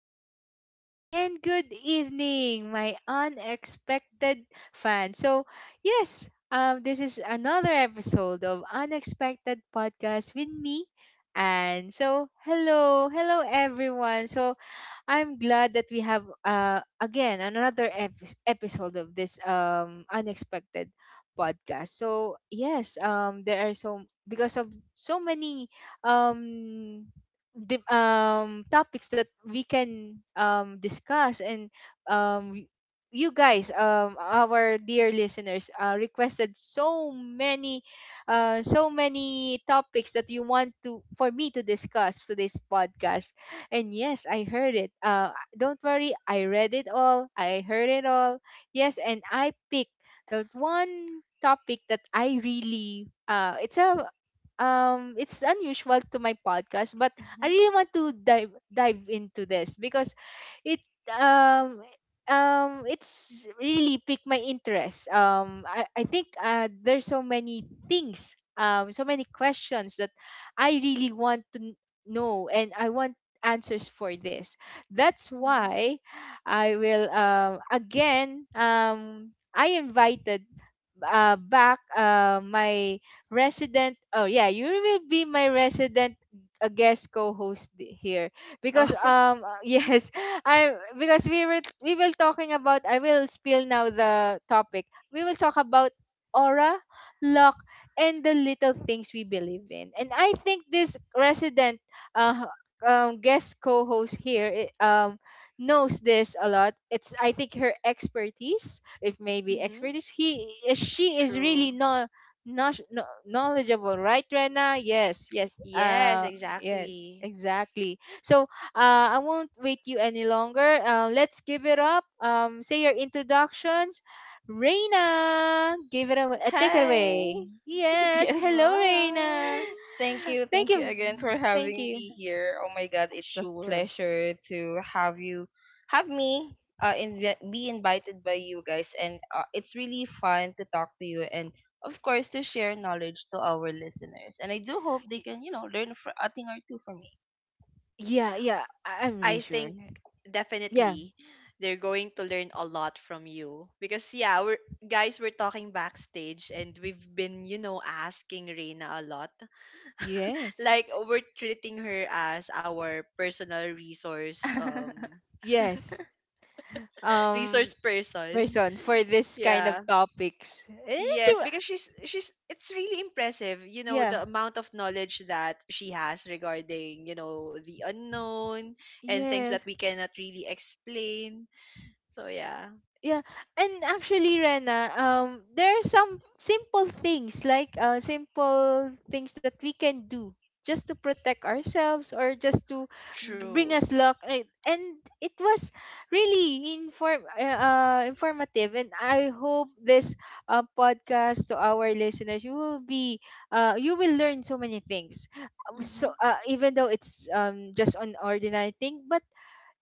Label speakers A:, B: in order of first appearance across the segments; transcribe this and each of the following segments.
A: good afternoon, and good evening, my unexpected fan. So, yes, this is another episode of Unexpected Podcast with me. And so, hello, hello everyone. So, I'm glad that we have again another episode of this unexpected podcast. So yes, there are because of so many um, topics that we can discuss and um, you guys, our dear listeners, requested so many topics that you want to for me to discuss today's podcast. And yes, I heard it. Don't worry, I read it all. I heard it all. Yes, and I picked that one topic that I really it's a it's unusual to my podcast, but I
B: Mm-hmm.
A: really want to dive into this because it um it's really piqued my interest. I think, there's so many things, so many questions that I really want to know, and I want answers for this. That's
B: Mm-hmm.
A: why I will again I invited, back, my resident— oh yeah, you will be my resident, a guest co-host here, because
B: Oh,
A: yes. I Because we will talking about— I will spill now the topic we will talk about: aura, luck, and the little things we believe in. And I think this resident uh guest co-host here, knows this a lot. It's, I think, her expertise, if maybe
B: mm-hmm.
A: expertise, he she is really—
B: True.
A: no, no, no, knowledgeable, right, Rena? Yes, yes,
B: Yes,
A: yes,
B: exactly.
A: exactly. So, I won't wait you any longer. Let's give it up, say your introductions. Reina, give it away. Take it away.
C: Hi.
A: Yes.
C: Yes.
A: Hello,
B: Wow.
A: Reina.
C: Thank you.
A: Thank
C: Thank you
A: you.
C: again for
A: Thank
C: having
A: you.
C: me here. Oh my God, it's a
A: Sure.
C: pleasure to have you have me invi- be invited by you guys, and it's really fun to talk to you, and of course to share knowledge to our listeners. And I do hope they
A: Y-
C: can, learn for a thing or two from me.
A: Yeah, yeah. I'm
B: I
A: really
B: think
A: sure. Yeah.
B: definitely they're going to learn a lot from you because yeah, we're guys, we're talking backstage and we've been, you know, asking Reina a lot.
A: Yes.
B: Like we're treating her as our personal resource
A: Yes.
B: resource
A: Um.
B: person.
A: Person for this kind of
B: Yeah.
A: topics.
B: Yes, because she's it's really impressive, you know,
A: Yeah.
B: the amount of knowledge that she has regarding, you know, the unknown and things that
A: Yes.
B: we cannot really explain. So yeah,
A: Yeah, and actually, Rena, there are some simple things, that we can do just to protect ourselves or just to bring
B: true.
A: us luck, right? And it was really informative, and I hope this podcast— to our listeners, you will learn so many things. Um, So
B: Mhm.
A: uh, even though it's just an ordinary thing, but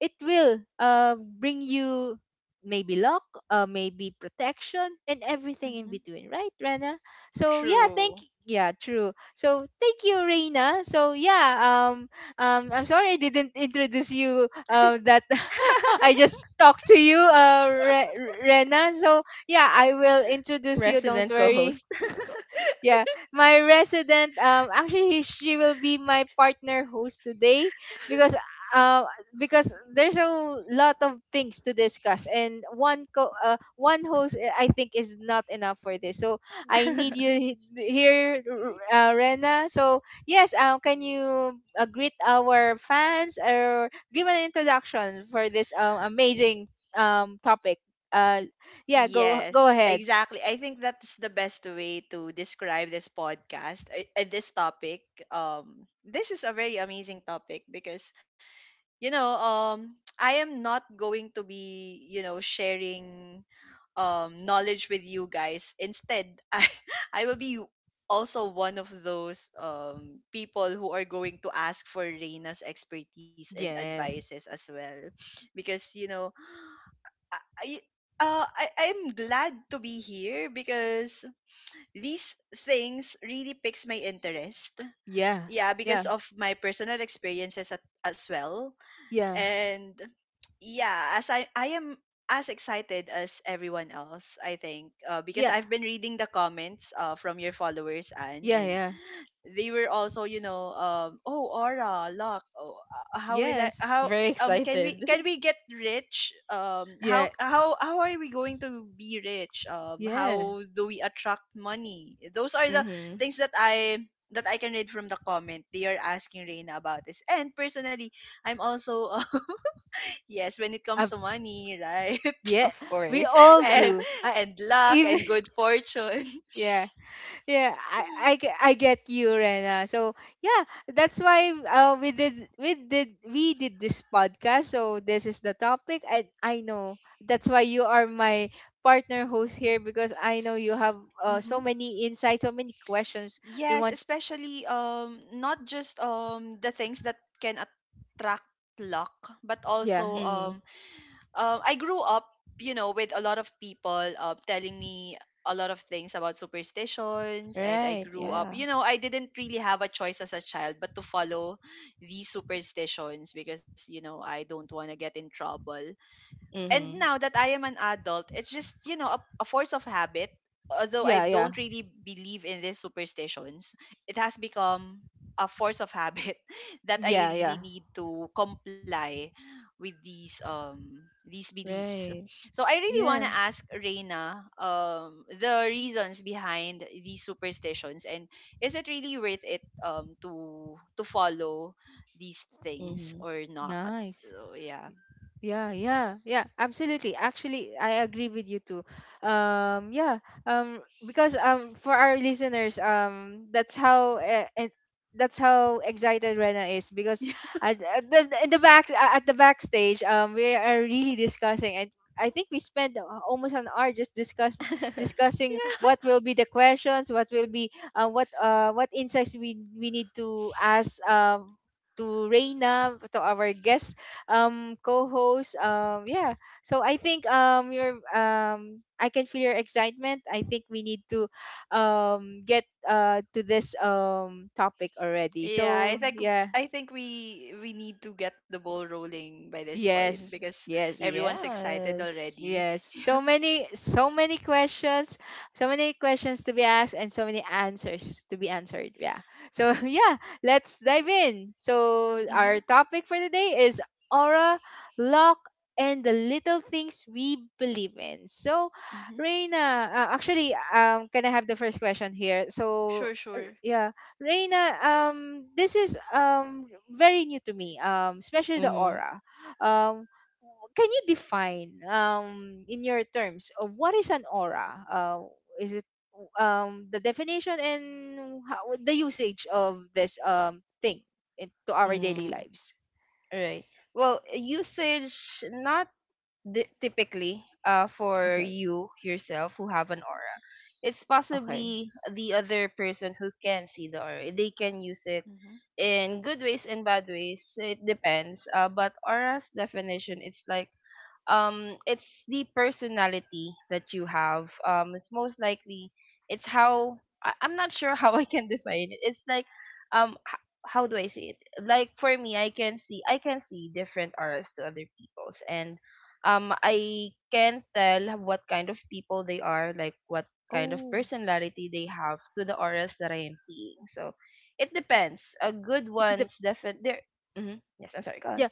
A: it will, bring you maybe luck, maybe protection, and everything in
B: Mhm.
A: between, right, Rena? So yeah, thank
B: True.
A: yeah, true. So thank you, Reina. So yeah, um, I'm sorry I didn't introduce you. That I just talked to you, Rena. So yeah, I will introduce you. Don't
C: Resident
A: worry.
C: co-host.
A: Yeah, my resident— actually she will be my partner host today, because uh because there's a lot of things to discuss, and one host, I think, is not enough for this. So
B: Yeah.
A: I need you here, Rena. So yes, can you, greet our fans or give an introduction for this amazing topic? Uh yeah, go
B: Yes,
A: ahead.
B: exactly. I think that's the best way to describe this podcast, this topic. This is a very amazing topic because you know, I am not going to be, you know, sharing knowledge with you guys. Instead, I I will be also one of those people who are going to ask for Reina's expertise and
A: Yes.
B: advices as well, because you know, I I- I I'm glad to be here because these things really piques my interest.
A: Yeah.
B: Yeah,
A: Yeah.
B: because of my personal experiences at, as well
A: Yeah.
B: and yeah, as I am as excited as everyone else. I think because
A: Yeah.
B: I've been reading the comments from your followers. And
A: Yeah. Yeah.
B: they were also, you know, oh, aura, luck. Oh, how will I
A: Yes.
B: how
C: Very
B: can
C: excited.
B: we get rich? How,
A: Yeah.
B: how are we going to be rich?
A: Yeah.
B: How do we attract money? Those are the
C: Mhm.
B: things that I can read from the comment. They are asking Reina about this. And personally, I'm also yes, when it comes
A: I
B: to money, right?
A: Yeah.
C: Of
A: We
C: course.
A: all
B: And
A: do. I
B: luck
A: even
B: and good fortune.
A: yeah. Yeah. I get you, Rena. So yeah, that's why we did this podcast. So this is the topic. I know that's why you are my partner host here, because I know you have,
B: hmm.
A: so many insights, so many questions you
B: Yes,
A: want.
B: especially not just the things that can attract luck, but also
A: Yeah.
C: Mhm.
B: I grew up, you know, with a lot of people telling me a lot of things about superstitions. And I
C: Right,
B: grew up,
C: yeah.
B: you know, I didn't really have a choice as a child but to follow these superstitions because, you know, I don't want to get in trouble. And
C: Mhm.
B: now that I am an adult, it's just, you know, a force of habit. Although I
A: Yeah. Yeah.
B: don't really believe in these superstitions, it has become a force of habit that I
A: Yeah. Yeah.
B: really need to comply with these beliefs.
C: Right.
B: So I really want to
A: Yeah.
B: ask Reina the reasons behind these superstitions, and is it really worth it to follow these things
C: Mm-hmm.
B: or not?
A: Nice.
B: So yeah.
A: Yeah, yeah, yeah, absolutely. Actually, I agree with you too. Yeah, because, for our listeners, that's how excited Rena is, because at the backstage, we are really discussing, and I think we spent almost an hour just discussing what will be the questions, what will be what insights we need to ask, to Reina, to our guest co-host. Yeah. So I think, your I can feel your excitement. I think we need to get to this topic already.
B: Yeah,
A: So yeah.
B: I think we need to get the ball rolling by this point
A: Yes.
B: because
A: Yes.
B: everyone's excited
C: Yes.
B: already.
A: Yes, so many questions to be asked, and so many answers to be answered. Yeah. So yeah, let's dive in. So
B: Mhm.
A: our topic for today is aura, luck, and the little things we believe in. So,
B: Mhm.
A: Reina, actually, can I have the first question here? So,
B: Sure, sure.
A: yeah, Reina, this is very new to me, especially the
C: Mm-hmm.
A: aura. um can you define in your terms, what is an aura? Is it, the definition, and the usage of this thing into our daily
C: Mm,
A: lives?
C: right. Well, usage not typically for
A: Okay.
C: you yourself who have an aura. It's
A: Okay.
C: possibly the other person who can see the aura. They can use it
B: Mhm.
C: in good ways and bad ways. It depends. But aura's definition, it's like, it's the personality that you have. It's most likely, it's how, I'm not sure how I can define it. It's like, how do I say it? Like, for me, I can see different auras to other people's, and I can tell what kind of people they are, like what kind of
A: Oh.
C: personality they have, to the auras that I am seeing. So it depends. A good
A: it's the
C: ones, definitely. Yes, I'm sorry, go on.
A: Yeah,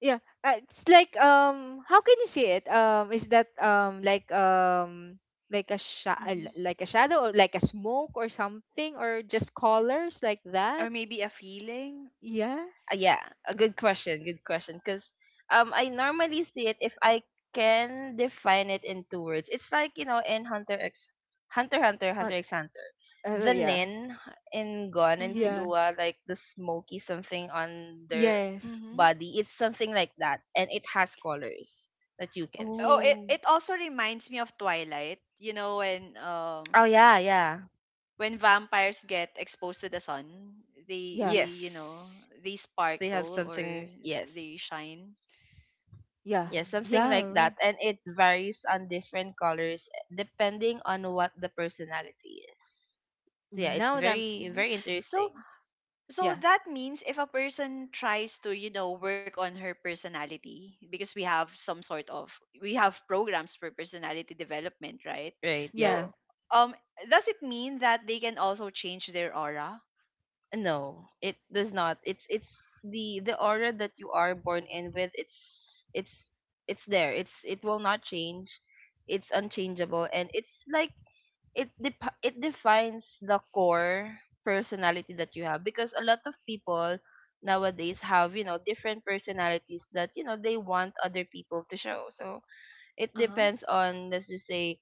A: yeah, it's like, how can you see it? Is that,
B: Mhm.
A: like a shadow, or like a smoke, or something, or just colors like
B: Or
A: that,
B: maybe a feeling.
A: yeah?
C: Yeah, a good question. Good question. Because I normally see it if I can define it in two words. It's like, in Hunter X,
A: uh,
C: Hunter X Hunter. The
A: yeah,
C: Nin in Gon and
A: yeah.
B: Mhm.
C: Killua, like the smoky something on their
A: Yes.
B: Mhm.
C: body. It's something like that, and it has colors that you can
B: Oh,
C: see.
B: it
A: Oh,
B: it also reminds me of Twilight. You know when
C: Oh yeah, yeah.
B: vampires get exposed to the sun, they
A: yeah,
C: Yes,
B: they
C: they have
B: sparkle, or
C: something. Yes.
B: they shine.
A: yeah,
C: Yeah,
B: Mm.
C: something
A: yeah,
C: like
A: right.
C: that. And it varies on different colors depending on what the personality is. So yeah, it's
A: Now that I'm,
C: very,
B: Mhm.
C: very
B: So,
C: interesting.
B: So
A: yeah,
B: that means if a person tries to, you know, work on her personality, because we have some sort of we have programs for personality development, right?
C: Right,
B: So
A: yeah.
C: yeah.
B: um does it mean that they can also change their aura?
C: No, it does not. It's the aura that you are born in with. It's there. It will not change. It's unchangeable, and it's like, it defines the core personality that you have, because a lot of people nowadays have, different personalities that, they want other people to show. So it
B: Uh-huh.
C: depends on, let's just say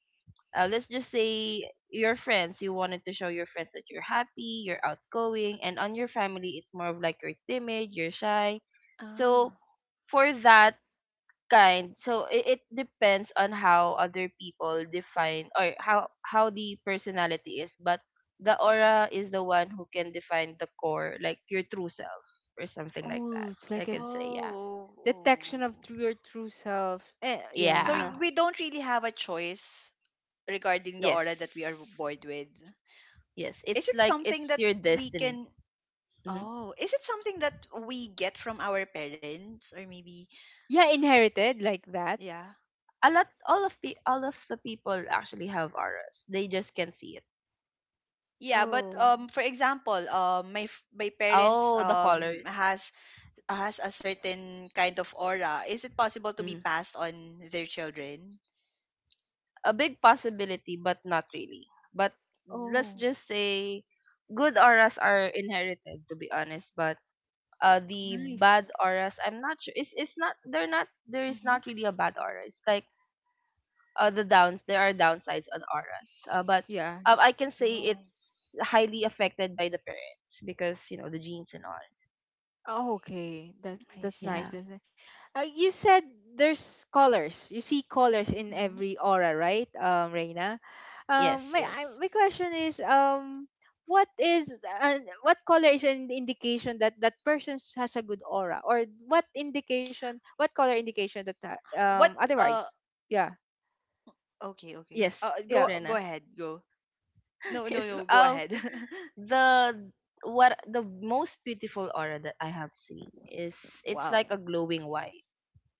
C: uh, let's just say your friends. You wanted to show your friends that you're happy, you're outgoing, and on your family it's more of like you're timid, you're shy. So
B: Ah.
C: for that kind, so it depends on how other people define, or how the personality is. But the aura is the one who can define the core, like your true self or something like that,
A: Oh, it's
C: I
A: like a
C: could say, yeah.
B: Oh.
A: detection of
B: Oh.
A: true your true self. Yeah,
B: So
C: Yeah,
A: yeah.
B: we don't really have a choice regarding the
C: yes,
B: aura that we are born with.
C: yes,
B: Is
C: it's
B: it
C: like,
B: something
C: it's
B: that
C: your
B: we
C: destiny.
B: can—
C: hmm
B: Oh, is it something that we get from our parents, or maybe
A: Yeah, inherited like that.
B: yeah.
C: a lot all of pe- All of the people actually have auras, they just can't see it.
B: Yeah, but
A: Oh,
B: for example, my my parents
C: Oh, the colors.
B: has a certain kind of aura. Is it possible to be
C: Mm-hmm.
B: passed on their children?
C: A big possibility, but not really. But let's
A: oh,
C: just say good auras are inherited, to be honest. But the bad
A: nice.
C: auras, I'm not sure. It's not. They're not. There is
B: Mhm.
C: not really a bad aura. It's like, the downs. There are downsides on auras. But I
A: Yeah.
C: can say
B: Oh,
C: it's highly affected by the parents, because you know the genes and all.
A: Oh, okay. That
B: I
A: that's
C: Yeah.
A: nice.
B: see.
A: That's nice. You said there's colors. You see colors in
B: Mhm.
A: every aura, right, Reina?
C: Yes.
A: My—
C: Yes.
A: question is, what is— what color is an indication that that person has a good aura, or what color indication that
B: What uh
A: otherwise? Yeah,
B: okay, okay. Uh,
C: Yes,
B: go
A: yeah.
B: go
C: Rena.
B: ahead. Go. No, no,
C: Yes.
B: no. Go
C: Oh.
B: ahead.
C: the the most beautiful aura that I have seen is, it's like
A: Wow,
C: a glowing white.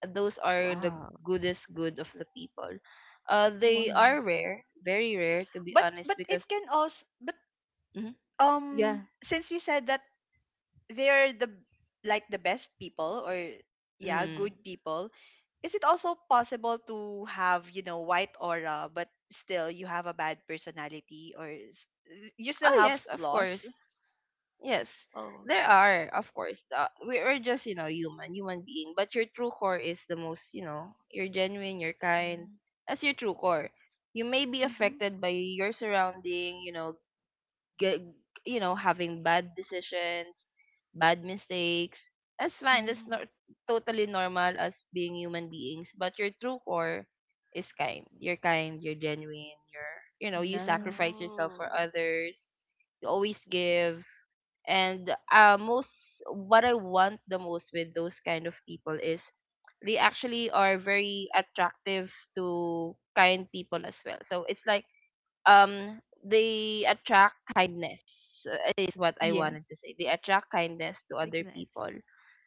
C: Those are the
A: wow,
C: goodest good of the people. They
A: wow.
C: are rare, very rare, to be
B: But
C: honest.
B: it
C: Because.
B: can also— But
C: Mhm,
A: Yeah,
B: since you said that they're the like the best people, or yeah good
C: mhm.
B: people, is it also possible to have, you know, white aura but still you have a bad personality, or you still
C: Oh
B: have
C: yes, of
B: flaws?
C: course, yes,
B: Oh.
C: there are, of course. We are just, you know, human being. But your true core is the most you know. You're genuine, you're kind. That's your true core. You may be
B: Mm-hmm.
C: affected by your surrounding, get having bad decisions, bad mistakes. That's fine.
B: Mm-hmm.
C: That's
B: Mm-hmm.
C: not totally normal as being human beings, but your true core is kind. You're kind, you're genuine, you're, you
A: no,
C: sacrifice yourself for
B: Oh.
C: others, you always give. And most what I want the most with those kind of people is, they actually are very attractive to kind people as well. So it's like, they attract kindness. Is what I
B: Mm-hmm.
A: yeah.
C: wanted to say. They attract kindness to
A: Like,
C: other
A: nice.
C: people.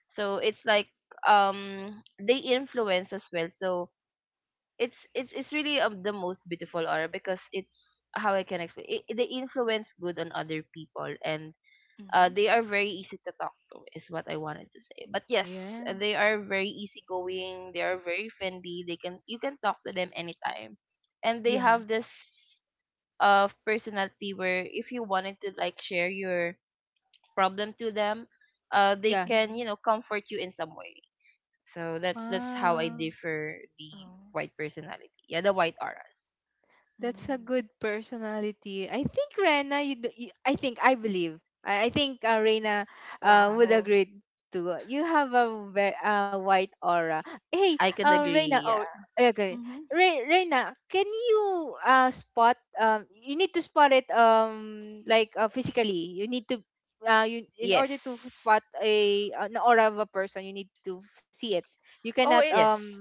C: So it's like, they influence as well. So it's really, the most beautiful aura, because it's how I can explain. They influence good on other people, and
B: Mm-hmm.
C: they are very easy to talk to, is what I wanted to say. But yes,
A: Yeah,
C: they are very easygoing, they are very friendly, they can you can talk to them anytime. And they
A: yeah,
C: have this personality where, if you wanted to like share your problem to them, they
A: yeah.
C: can,
B: Mm-hmm.
C: comfort you in some way. So that's how I
A: Wow.
C: differ the
B: Oh.
C: white personality, yeah, the white auras.
A: That's a
B: Mm.
A: good personality. I think, Rena, you, I think, I believe. I think, Rena, would
B: Wow.
A: agree too. You have a very, white aura. Hey,
C: I could
A: Rena.
C: agree,
B: Oh.
C: yeah.
A: Okay,
B: Mm-hmm.
A: Rena, can you spot you need to spot it, like, physically. You, in
C: Yes,
A: order to spot a an aura of a person, you need to see it. You cannot
B: Oh,
C: yes.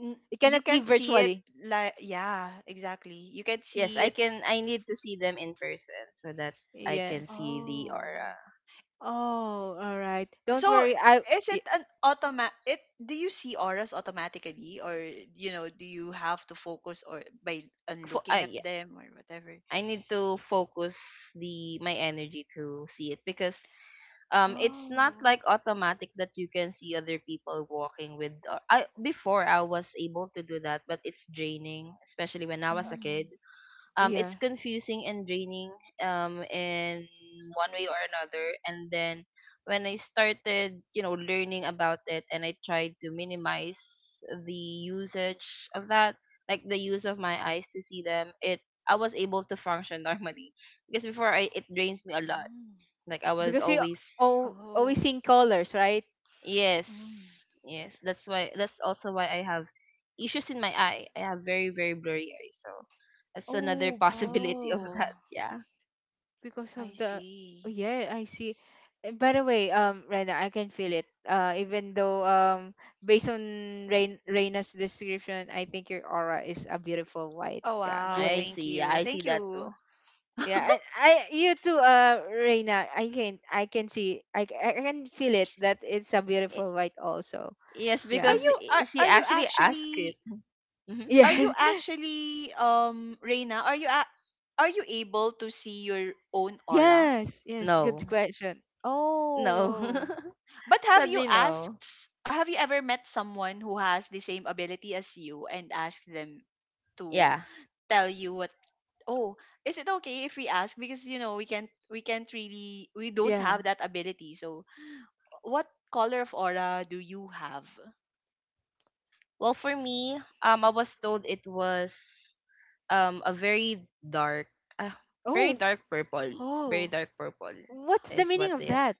A: It cannot
B: you
A: be
B: can't see it
A: virtually.
B: like yeah, exactly. You can
C: Yes,
B: see
C: I
B: it.
C: can. I need to see them in person so that I can
A: Yes.
C: see the
B: Oh.
C: aura.
A: Oh, all right. Don't
B: So
A: worry.
B: is it
A: Y-
B: an automatic— It do you see auras automatically, or you know, do you have to focus or by on looking at
C: Yeah,
B: them or whatever?
C: I need to focus the my energy to see it, because it's not
B: Oh.
C: like automatic that you can see other people walking with. Au- I Before I was able to do that, but it's draining, especially when I was a
B: Mm.
C: kid.
A: yeah,
C: It's confusing and draining, in one way or another. And then when I started, learning about it, and I tried to minimize the usage of that, like the use of my eyes to see them, it I was able to function normally, because before I it drains me a lot.
B: Mm.
C: Like I was
A: because you
C: always,
A: all always
B: Oh.
A: seeing colors, right?
C: yes,
B: Mm.
C: yes. That's also why I have issues in my eye. I have very, very blurry eyes, so that's another
A: Oh,
C: possibility of
B: Oh,
C: that. Yeah.
A: because
B: I
A: of the oh,
B: see.
A: yeah, I see. By the way, Rena, I can feel it. Even though based on Rain Reina's description, I think your aura is a beautiful white,
B: Oh
A: yeah,
B: wow,
C: I
A: glow.
B: thank
C: see.
B: you.
C: I see
B: Thank
C: that
B: you.
C: too.
A: Yeah,
C: Mhm.
A: and I you too, Reina. I can see I c- I can feel it that it's a
C: Y-
A: beautiful white also.
C: Yes,
A: Yeah,
C: because she
B: Are you
C: actually asked it.
B: actually—
C: Mhm.
B: Are you
A: yeah.
B: actually Reina, are you are you able to see your own aura?
A: Yes, yes, good
C: No.
A: question.
C: No.
A: Oh,
B: Oh. But have you
C: Sadly,
B: asked
C: no.
B: have you ever met someone who has the same ability as you and asked them to
C: Yeah.
B: tell you what— Oh, is it okay if we ask because you know we can't really, we don't
A: yeah.
B: have that ability. So what color of aura do you have?
C: Well, for me, I was told it was a uh, very
A: Oh,
C: dark purple, very
B: Oh.
C: dark purple
A: what's the
C: is what
A: meaning of
C: they have.
A: that?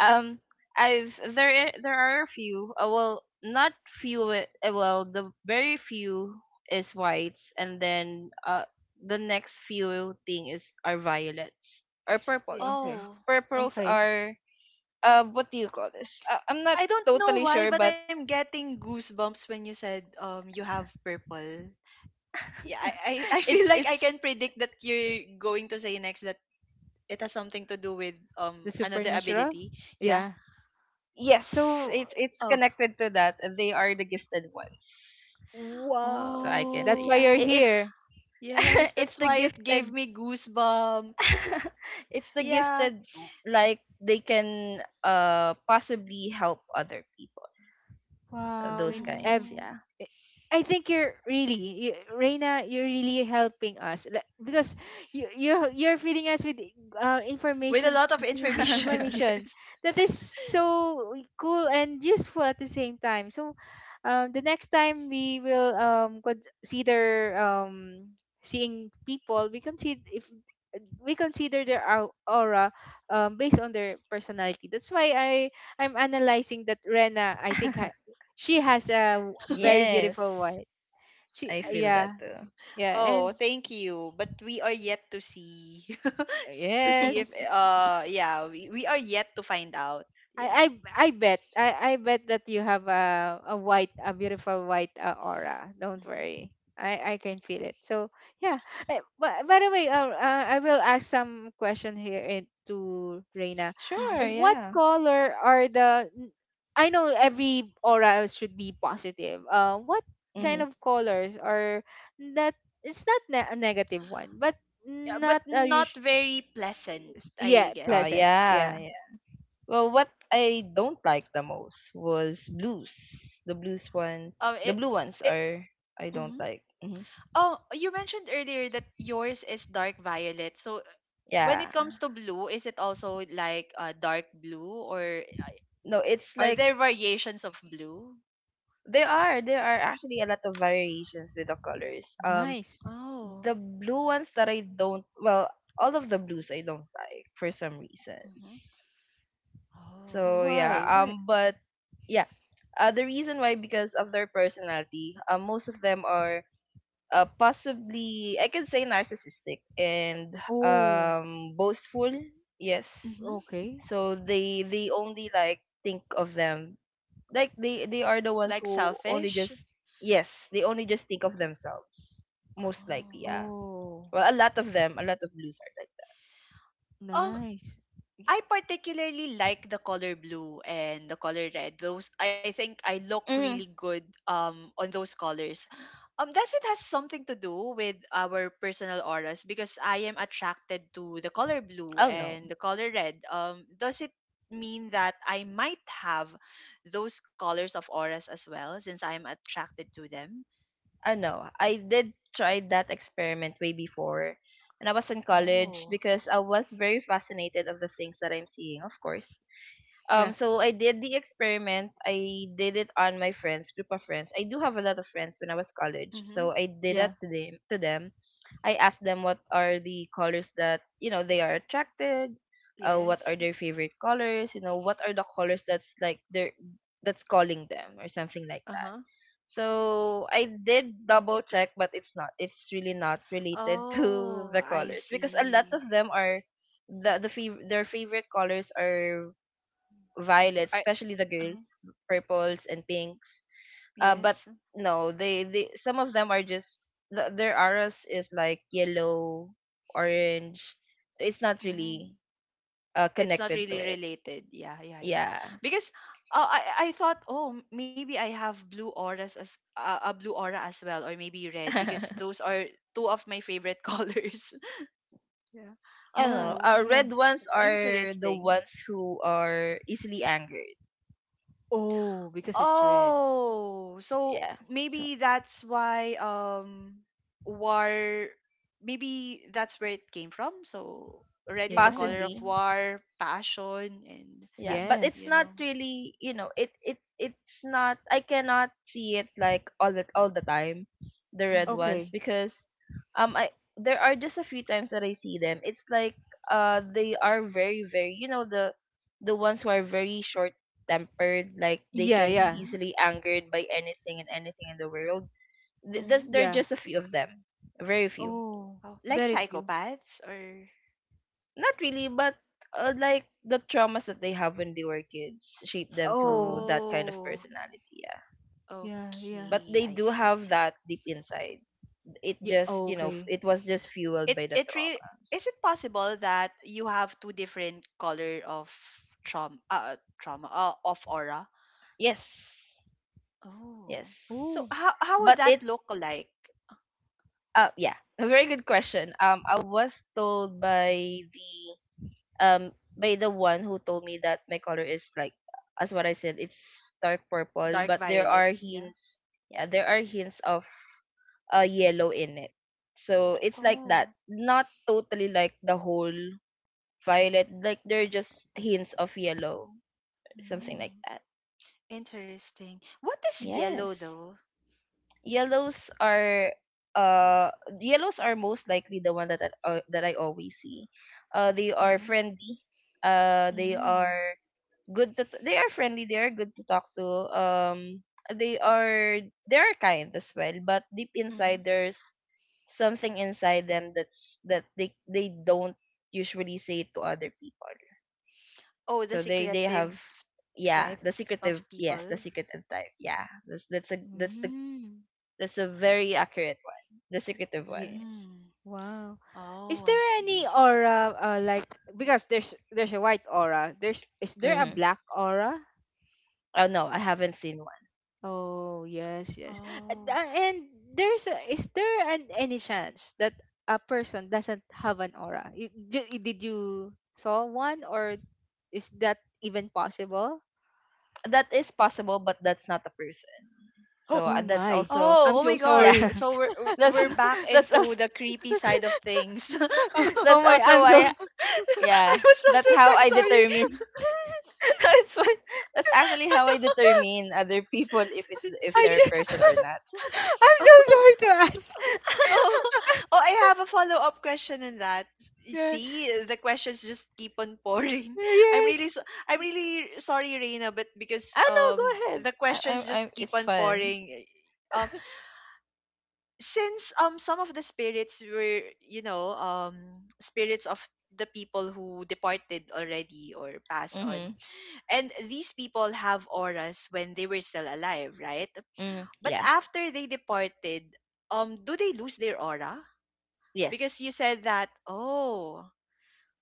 C: um there are a few, well, not few, well, the very few is whites, and then the next few thing is are violets or
A: Yeah,
C: purples.
A: okay.
B: Oh.
C: Purples
A: Okay.
C: are, what do you call this, I'm not
B: I don't know
C: totally
B: why,
C: sure,
B: but
C: but
B: I'm getting goosebumps when you said you have purple. Yeah, I I
C: it's
B: feel like
C: it's
B: I can predict that you're going to say next that it has something to do with
A: The
B: another
A: supernatural?
B: ability. Yeah.
A: Yeah.
C: yes,
A: So,
C: it's
B: Oh.
C: connected to that. They are the gifted ones,
A: wow.
C: so I can say,
A: That's why
C: yeah,
A: you're
B: Oh.
C: it,
A: here.
C: it's
B: Yes,
C: it's
B: that's
C: the
B: why it gave
C: gifted,
B: me goosebumps.
C: it's the
B: Yeah.
C: gifted, like they can possibly help other people,
A: Wow,
C: those
A: in ev
C: kinds,
B: Oh.
C: yeah.
A: I think you, Reina, you're really helping us, like, because you're feeding us with,
B: With a
A: information,
B: lot of information,
A: information
B: yes.
A: that is so cool and useful at the same time. So, the next time we will consider seeing people, we consider if we consider their aura based on their personality. That's why I'm analyzing that Rena, I think she has a very
C: Yes,
A: beautiful voice. She
C: I feel
A: Yeah,
C: that too.
A: yeah,
B: Oh,
A: and
B: thank you. But we are yet to see, to see if
A: yes.
B: yeah, we are yet to find out.
A: I I
B: Yeah.
A: I bet, I bet that you have a white, a beautiful white, aura. Don't worry. I can feel it. So yeah. But by the way, I will ask some question here, to Reina.
C: Sure,
B: Mhm.
A: What
C: yeah.
A: color are the? I know every aura should be positive. What kind
B: Mhm.
C: Mm-hmm.
A: of colors are that? It's not a negative one, but
B: Yeah, but
A: not a
B: not
A: usual.
B: very pleasant, I
A: Yeah,
C: Oh
B: guess.
A: pleasant.
B: Yeah.
A: Yeah,
C: yeah, yeah. Well, what I don't like the most was blues, the blues one
B: It.
C: the blue ones
B: It.
C: are, I don't
B: Mhm.
C: like,
B: Oh, you mentioned earlier that yours is dark violet. So, when
C: yeah,
B: it comes to blue, is it also like dark blue, or
C: no, it's
B: are
C: like,
B: there variations of blue?
C: there are actually a lot of variations with the colors.
A: nice.
B: Oh.
C: The blue ones that I don't, well, all of the blues I don't like for some reasons.
B: Mm-hmm.
C: So
B: Oh.
A: Why?
C: yeah,
A: Why?
C: but yeah, the reason why, because of their personality. Most of them are, possibly I can say, narcissistic and
A: Oh,
C: boastful. Yes,
B: Mm-hmm.
A: okay.
C: so they only, like, think of them, like they are the
B: Like
C: ones who only
B: selfish.
C: just, yes, they only just think of themselves, most likely,
B: Oh.
C: yeah.
A: Oh,
C: Well, a lot of them, a lot of blues are like that.
B: Um,
A: nice.
B: I particularly like the color blue and the color red. Those I think I look really
C: Mm,
B: good on those colors. Does it has something to do with our personal auras? Because I am attracted to the color blue
C: oh no,
B: and the color red. Does it mean that I might have those colors of auras as well, since I am attracted to them?
C: I know. I did try that experiment way before, and I was in college,
B: Oh.
C: because I was very fascinated of the things that I'm seeing, of course.
A: Yeah,
C: So I did the experiment. I did it on my friends, group of friends. I do have a lot of friends when I was college,
B: Mm-hmm.
C: so I did
A: yeah,
C: that to them. To them, I ask them, what are the colors that, you know, they are attracted, what are
B: Yes.
C: their favorite colors? What are the colors that's like their that's calling them or something like
B: Uh
C: that?
B: huh.
C: So I did double check, but it's not. It's really not related to
B: Oh,
C: the
B: I
C: colors, because a lot
B: see.
C: of them are their favorite colors are violets,
B: I.
C: especially the
B: Uh huh.
C: girls, purples and pinks. But
B: Yes.
C: no, they some of them are just their auras is like yellow, orange, so it's not really,
B: Mm. It's not
C: connected to
B: really
C: it.
B: related. Yeah, yeah, yeah.
C: Yeah.
B: Because I I thought oh maybe I have blue auras as a blue aura as well, or maybe red, because
C: I
B: those are two of my favorite colors. Yeah.
C: don't know.
A: yeah,
B: Oh,
A: yeah.
C: Red ones are the
B: interesting.
C: ones who are easily angered.
A: Oh, because it's red.
B: Oh, so
C: Yeah. So
B: maybe that's why war maybe that's where it came from. So red is the
A: Yeah.
B: color of
C: possibly.
B: war, passion, and
C: Yeah, but it's
B: you
A: Yes.
C: not
B: know.
C: really, it's not, I cannot see it like all the time the red
B: Mhm.
C: ones,
A: Okay.
C: because I there are just a few times that I see them. It's like, they are very, very, the ones who are very short tempered, like they
A: Yeah,
C: can be
A: yeah,
B: Mhm.
C: easily angered by anything and anything in the world.
B: Mhm.
C: There are
A: yeah.
C: just a few of them, very few.
A: Oh,
B: Oh, like
A: very few.
B: psychopaths or—
C: Not really, but like the traumas that they have when they were kids shape them to
A: Oh,
C: that kind of
B: Oh,
C: personality. Yeah,
A: yeah, yeah.
C: but
B: okay. I
C: they do
B: see, I
C: have
B: see.
C: that deep inside. It
A: Yeah,
C: just,
B: Mm.
A: okay.
C: it was just fueled
B: It
C: by the
B: it really—
C: traumas.
B: Is it possible that you have two different color of trauma trauma of aura?
C: Yes,
B: Oh. So
A: Oh,
C: yes.
B: how would
C: But
B: that
C: it
B: look like?
C: Yeah, a very good question. I was told by the one who told me that my color is, like, as what I said, it's dark purple,
B: Dark
C: but there
B: violet,
C: are
B: yeah.
C: hints— yeah, there are hints of yellow in it. So it's like that.
B: Oh.
C: Not totally like the whole violet, like there are just hints of yellow. Something like
B: Mm.
C: that.
B: Interesting. What is yellow
C: Yes.
B: though?
C: Yellows are uh yellows are most likely the one that I always see. They are
B: Mm-hmm.
C: friendly. Uh they
B: Mm-hmm.
C: are they are friendly, they are good to talk to. They are they are kind as well, but deep inside
B: Mm-hmm.
C: there's something inside them that they don't usually say to other people.
B: Oh, the
C: So they
A: oh.
B: secretive
C: have— yeah,
B: type
C: the
B: of
C: secretive— yes, the
B: people.
C: secretive type. Yeah,
A: Mm.
C: that's a very accurate one, the secretive
A: Yeah.
C: ones.
B: Mm.
A: Wow. Is
B: Oh, I
A: there
B: see,
A: any
B: I see.
A: aura, like, because there's a white aura. There's Is there a
C: Mm-hmm.
A: black aura?
C: Oh, no, I haven't seen one.
A: Oh, yes, yes. And
B: Oh.
A: uh, and there's a, is there an, any chance that a person doesn't have an aura? Did you saw one, or is that even possible?
C: That is possible, but that's not a person.
A: Oh,
C: So
A: oh
C: that's
A: my.
C: also—
B: Oh, oh
A: I'm
B: my
A: so
B: God.
C: yeah.
A: sorry.
B: So we're
C: That's—
B: we're back
C: that's also—
B: into the creepy side of things.
A: Oh, oh
C: that's
A: my,
C: also
A: I'm so
C: why.
B: I
C: Yeah.
B: was so
C: That's how
B: surprised.
C: I
B: Sorry.
C: determine. that's why, that's actually how I determine other people, if it's if
A: I
C: they're a
A: just
C: person or not.
A: I'm so sorry to ask.
B: Oh, oh, I have a follow-up question on that. You
A: yeah.
B: see, the questions just keep on pouring. I'm really
A: Yes.
B: so, I'm really sorry, Reina, but because
C: Ah, no, go ahead.
B: the questions just
C: I
B: keep
C: It's
B: on
C: fun.
B: pouring. Eh, since some of the spirits were you know spirits of the people who departed already or passed on,
C: Mhm.
B: and these people have auras when they were still alive, right?
C: Mm,
B: But
C: yeah.
B: after they departed, do they lose their aura? Because you
C: Yes.
B: said that oh—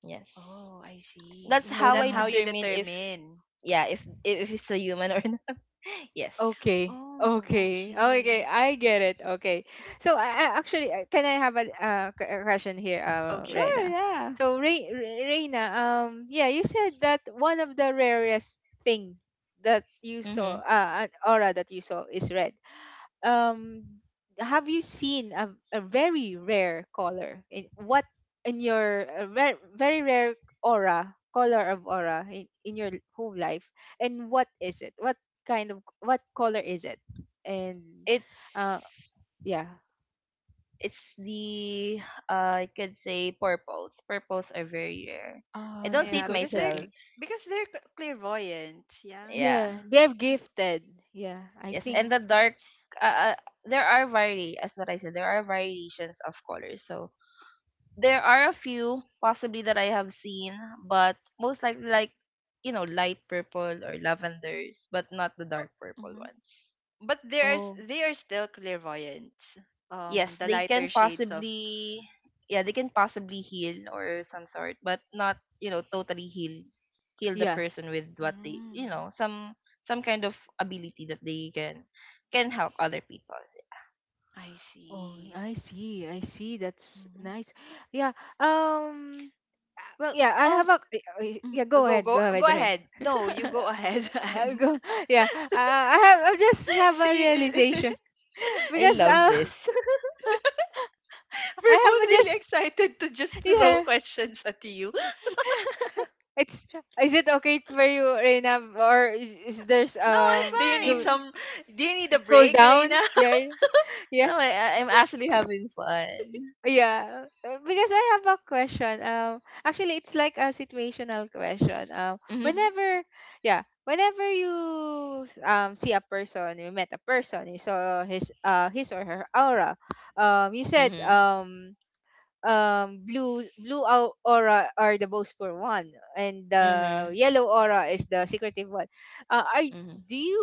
C: Yes.
B: Oh, I see,
C: That's
B: so
C: how
B: that's
C: I
B: how
A: Wow.
B: you
C: determine if—
B: determine.
C: yeah— if it's a human or not. yes.
A: Okay.
B: Oh,
A: Okay. Oh, okay.
B: okay,
A: I get it. Okay. So I actually, can I have a question here,
B: okay.
C: Sure,
A: Rena?
C: yeah.
A: So Reina, yeah, you said that one of the rarest thing that you saw,
C: Mhm.
A: an aura that you saw is red. um have you seen a very rare color in— what in your, very rare aura— color of aura in, your whole life? And what is it, what kind of what color is it, and
C: It's
A: uh yeah.
C: it's the I could say purples. Purples are very rare. I
A: uh
C: don't see
B: Yeah,
C: it
A: because
B: because
A: the gi-
C: myself.
B: because they're clairvoyant, yeah.
C: Yeah.
A: yeah, they're gifted. Yeah, I
C: Yes,
A: think.
C: and
B: Mm-hmm,
C: the dark uh, uh there are vari as what I said, there are variations of colors. So there are a few possibly that I have seen, but most likely, like, light purple or lavenders, but not the dark purple
B: mm-hmm.
C: ones.
B: But there's—
A: Oh,
B: they are still clairvoyant.
C: Yes,
B: The
C: they can
B: lighter shades of.
C: possibly— yeah, they can possibly heal or some sort, but not, totally heal, the
A: yeah.
C: person with what they,
B: Mm,
C: some kind of ability that they can help other people.
B: I
A: Oh,
B: see.
A: I see. I see. That's
B: Mhm.
A: nice. Yeah. Um. uh,
B: Well,
A: Yeah, I have
B: um,
A: a.
B: mm,
A: Yeah, go ahead. Go
B: go
A: ahead, Ren.
B: ahead. No, you
A: Yeah,
B: go ahead.
A: I'll
B: Anne.
A: go. Yeah. I just have a
B: See,
A: realization.
C: I
A: Because
C: love this.
A: I
B: we're both
A: have a
B: really
A: just.
B: excited to just throw
A: Yeah.
B: questions at you.
A: It's. Is it okay for you, Reina, or is there's
C: No, I'm
B: Do you need
A: do
C: fine.
B: some? Do you need a
A: cool
B: break,
A: down?
B: Reina?
A: Yeah. Yeah.
C: No, I'm actually having fun.
A: Yeah, because I have a question. Actually, it's like a situational question. Um,
C: Mhm.
A: whenever, yeah, whenever you see a person, you met a person, you saw his or her aura. You said
C: Mhm.
A: blue aura are the most for one, and the
C: Mhm.
A: yellow aura is the secretive one. uh, i
C: Mhm.
A: do you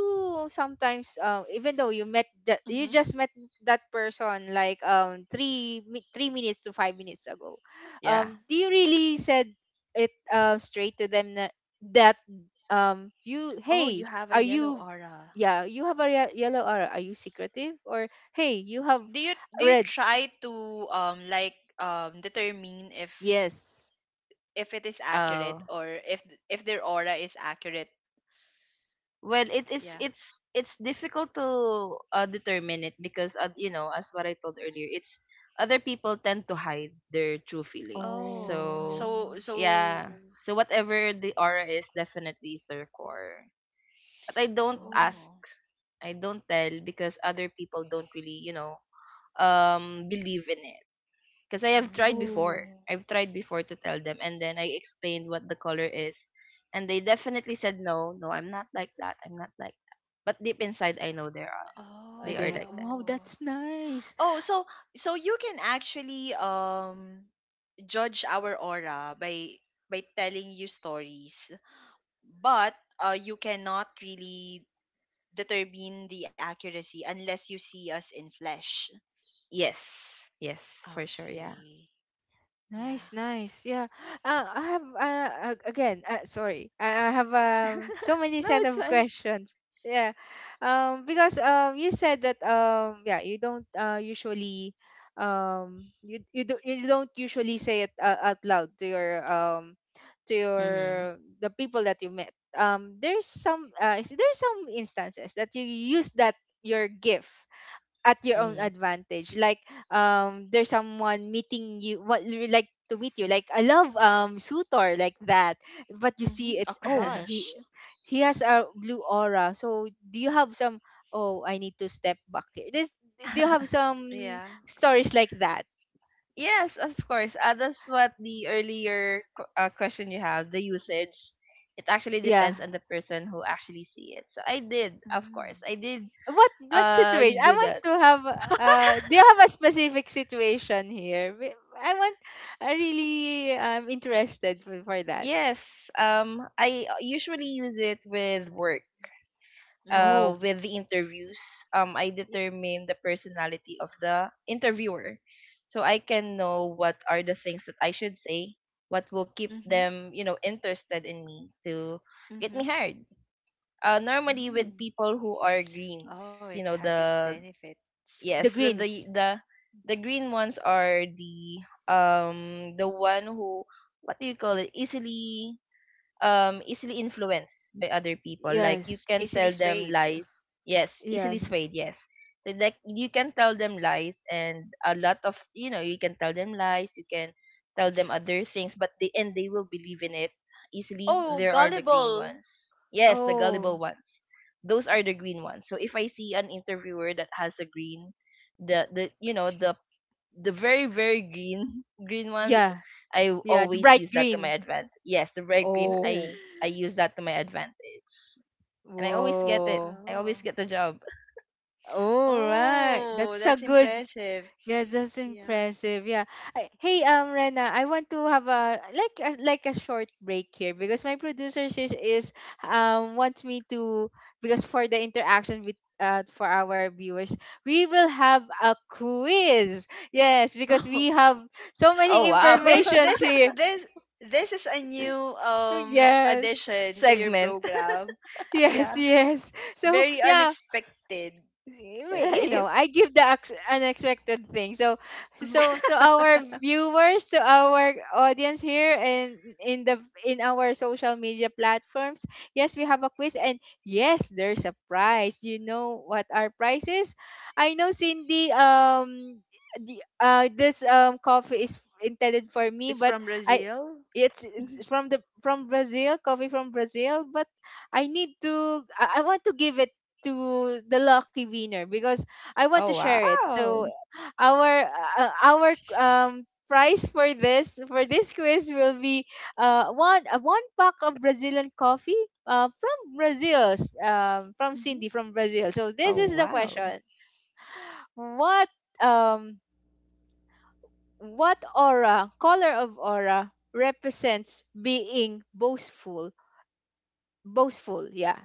A: sometimes, even though you met
B: hmm hmm.
A: you just met that person like 3 minutes to 5 minutes ago,
C: Yeah.
A: do you really said it, straight to them, that, that you
B: Oh,
A: hey,
B: you have a
A: are
B: yellow
A: you,
B: aura.
A: yeah, you have a yellow aura, are you secretive, or hey, you have
B: Do you
A: red?
B: try to like determine
A: Yes.
B: if it is accurate,
C: Oh.
B: or if if their aura is accurate.
C: Well, it, it's
B: Yeah.
C: it's it's difficult to determine it, because, as what I told earlier, it's— other people tend to hide their true feelings.
B: Oh,
C: So,
A: Oh,
B: so
C: yeah,
B: so—
C: so whatever the aura is, definitely is their core. But I don't
A: oh,
C: ask,
B: Oh.
C: I don't tell, because other people don't really, believe in it. Because I have tried
B: Mm.
C: before.
A: oh,
C: I've tried before to tell them, and then I explained what the color is, and they definitely said no, no, I'm not like that. I'm not like that. But deep inside, I know they are. They are
A: ade.
C: like that.
A: Wow,
B: Oh.
A: that's nice.
B: Oh, so so you can actually judge our aura by telling you stories, but you cannot really determine the accuracy unless you see us in flesh.
C: Yes, yes, for sure. Yeah.
B: Okay. Yeah.
A: Nice, nice. Yeah. Uh, I have uh, Again, sorry. I have so many
C: no,
A: set
C: it's
A: of
C: fine.
A: questions. Yeah. Because you said that yeah, you don't usually, you don't usually say it, out loud to your, to your
C: Mm-hmm.
A: the people that you met. There's some instances that you use that your gift at your own
C: Mm-hmm.
A: advantage, like there's someone meeting you, what you like, to meet you, like I love sutor like that, but you
B: Mm-hmm.
A: see
B: A
A: it's, oh, he
B: crush.
A: he has a blue aura. So do you have some, oh, I need to step back here. This, do you have some
B: Yeah.
A: stories like that?
C: yes, of course. That's what the earlier question you have, the usage. It actually
A: Yeah.
C: depends on the person who actually see it. So I did, of
B: Mm.
C: course, I did
A: What situation I
C: do
A: want
C: that.
A: to have, do you have a specific situation here? I really, I'm interested for that.
C: Yes, I usually use it with work.
A: Oh.
B: Mm.
C: With the interviews, I determine the personality of the interviewer, so I can know what are the things that I should say, what will keep
B: Mhm.
C: them, interested in me to get me
B: Mhm.
C: hired. Normally with
B: Mm.
C: people who are greens,
B: Oh, it
C: you know,
B: has its
C: the—
B: benefits.
A: The
C: yes,
A: greens.
C: the the green ones are the one who— what do you call it— easily, easily influenced by other people. Like you
A: Yes.
C: can
B: Easily
C: tell them
B: swayed.
C: lies— yes, easily
A: Yes.
C: swayed, yes. So like you can tell them lies and a lot of you know you can tell them lies, you can tell them other things, but they will believe in it easily.
B: Oh,
C: There are the green
B: gullible.
C: ones— yes, the gullible
A: Oh.
C: ones. Those are the green ones. So if I see an interviewer that has a green, the the very, very green, green ones,
A: Yeah.
C: I
A: Yeah. The
C: always
A: bright
C: use that to my
A: green.
C: advantage— yes, the bright green. i
A: Oh.
C: i use that to my advantage, and I always get it.
A: Whoa.
C: I always
B: Oh.
C: get the job.
A: All right.
B: Oh,
A: That's
B: that's
A: a good.
B: impressive.
A: Yeah, that's
B: Yeah.
A: impressive. Yeah. I- Hey, Rena, I want to have a like a, like a short break here because my producer is wants me to, because for the interaction with for our viewers, we will have a quiz. Yes, because
B: Oh,
A: we have so
C: Oh,
A: many
C: wow.
B: This
A: informations
B: this
A: here.
B: this is a new
A: Yes.
B: addition to your
C: segment.
B: program.
A: Yes,
B: Yeah,
A: yes. So,
B: very
A: yeah,
B: unexpected.
A: you know,
C: right.
A: I give the unexpected thing. So,
B: Mhm.
A: so to our viewers, to our audience here and in the, in our social media platforms, yes, we have a quiz. And yes, there's a prize. You know what our prize is? I know Cindy, the, this coffee is intended for me,
B: It's
A: but
B: from
A: I,
B: Brazil.
A: it's from the, from Brazil, coffee from Brazil, but I need to, I want to give it to the lucky winner because I want to
C: oh
A: share it.
C: wow.
A: So our, our prize for this, for this quiz, will be one, one pack of Brazilian coffee, from Brazil, from
B: Mhm.
A: Cindy from Brazil. So this
C: Oh
A: is the
C: wow.
A: question. What, um what aura, color of aura, represents being boastful? Boastful, yeah.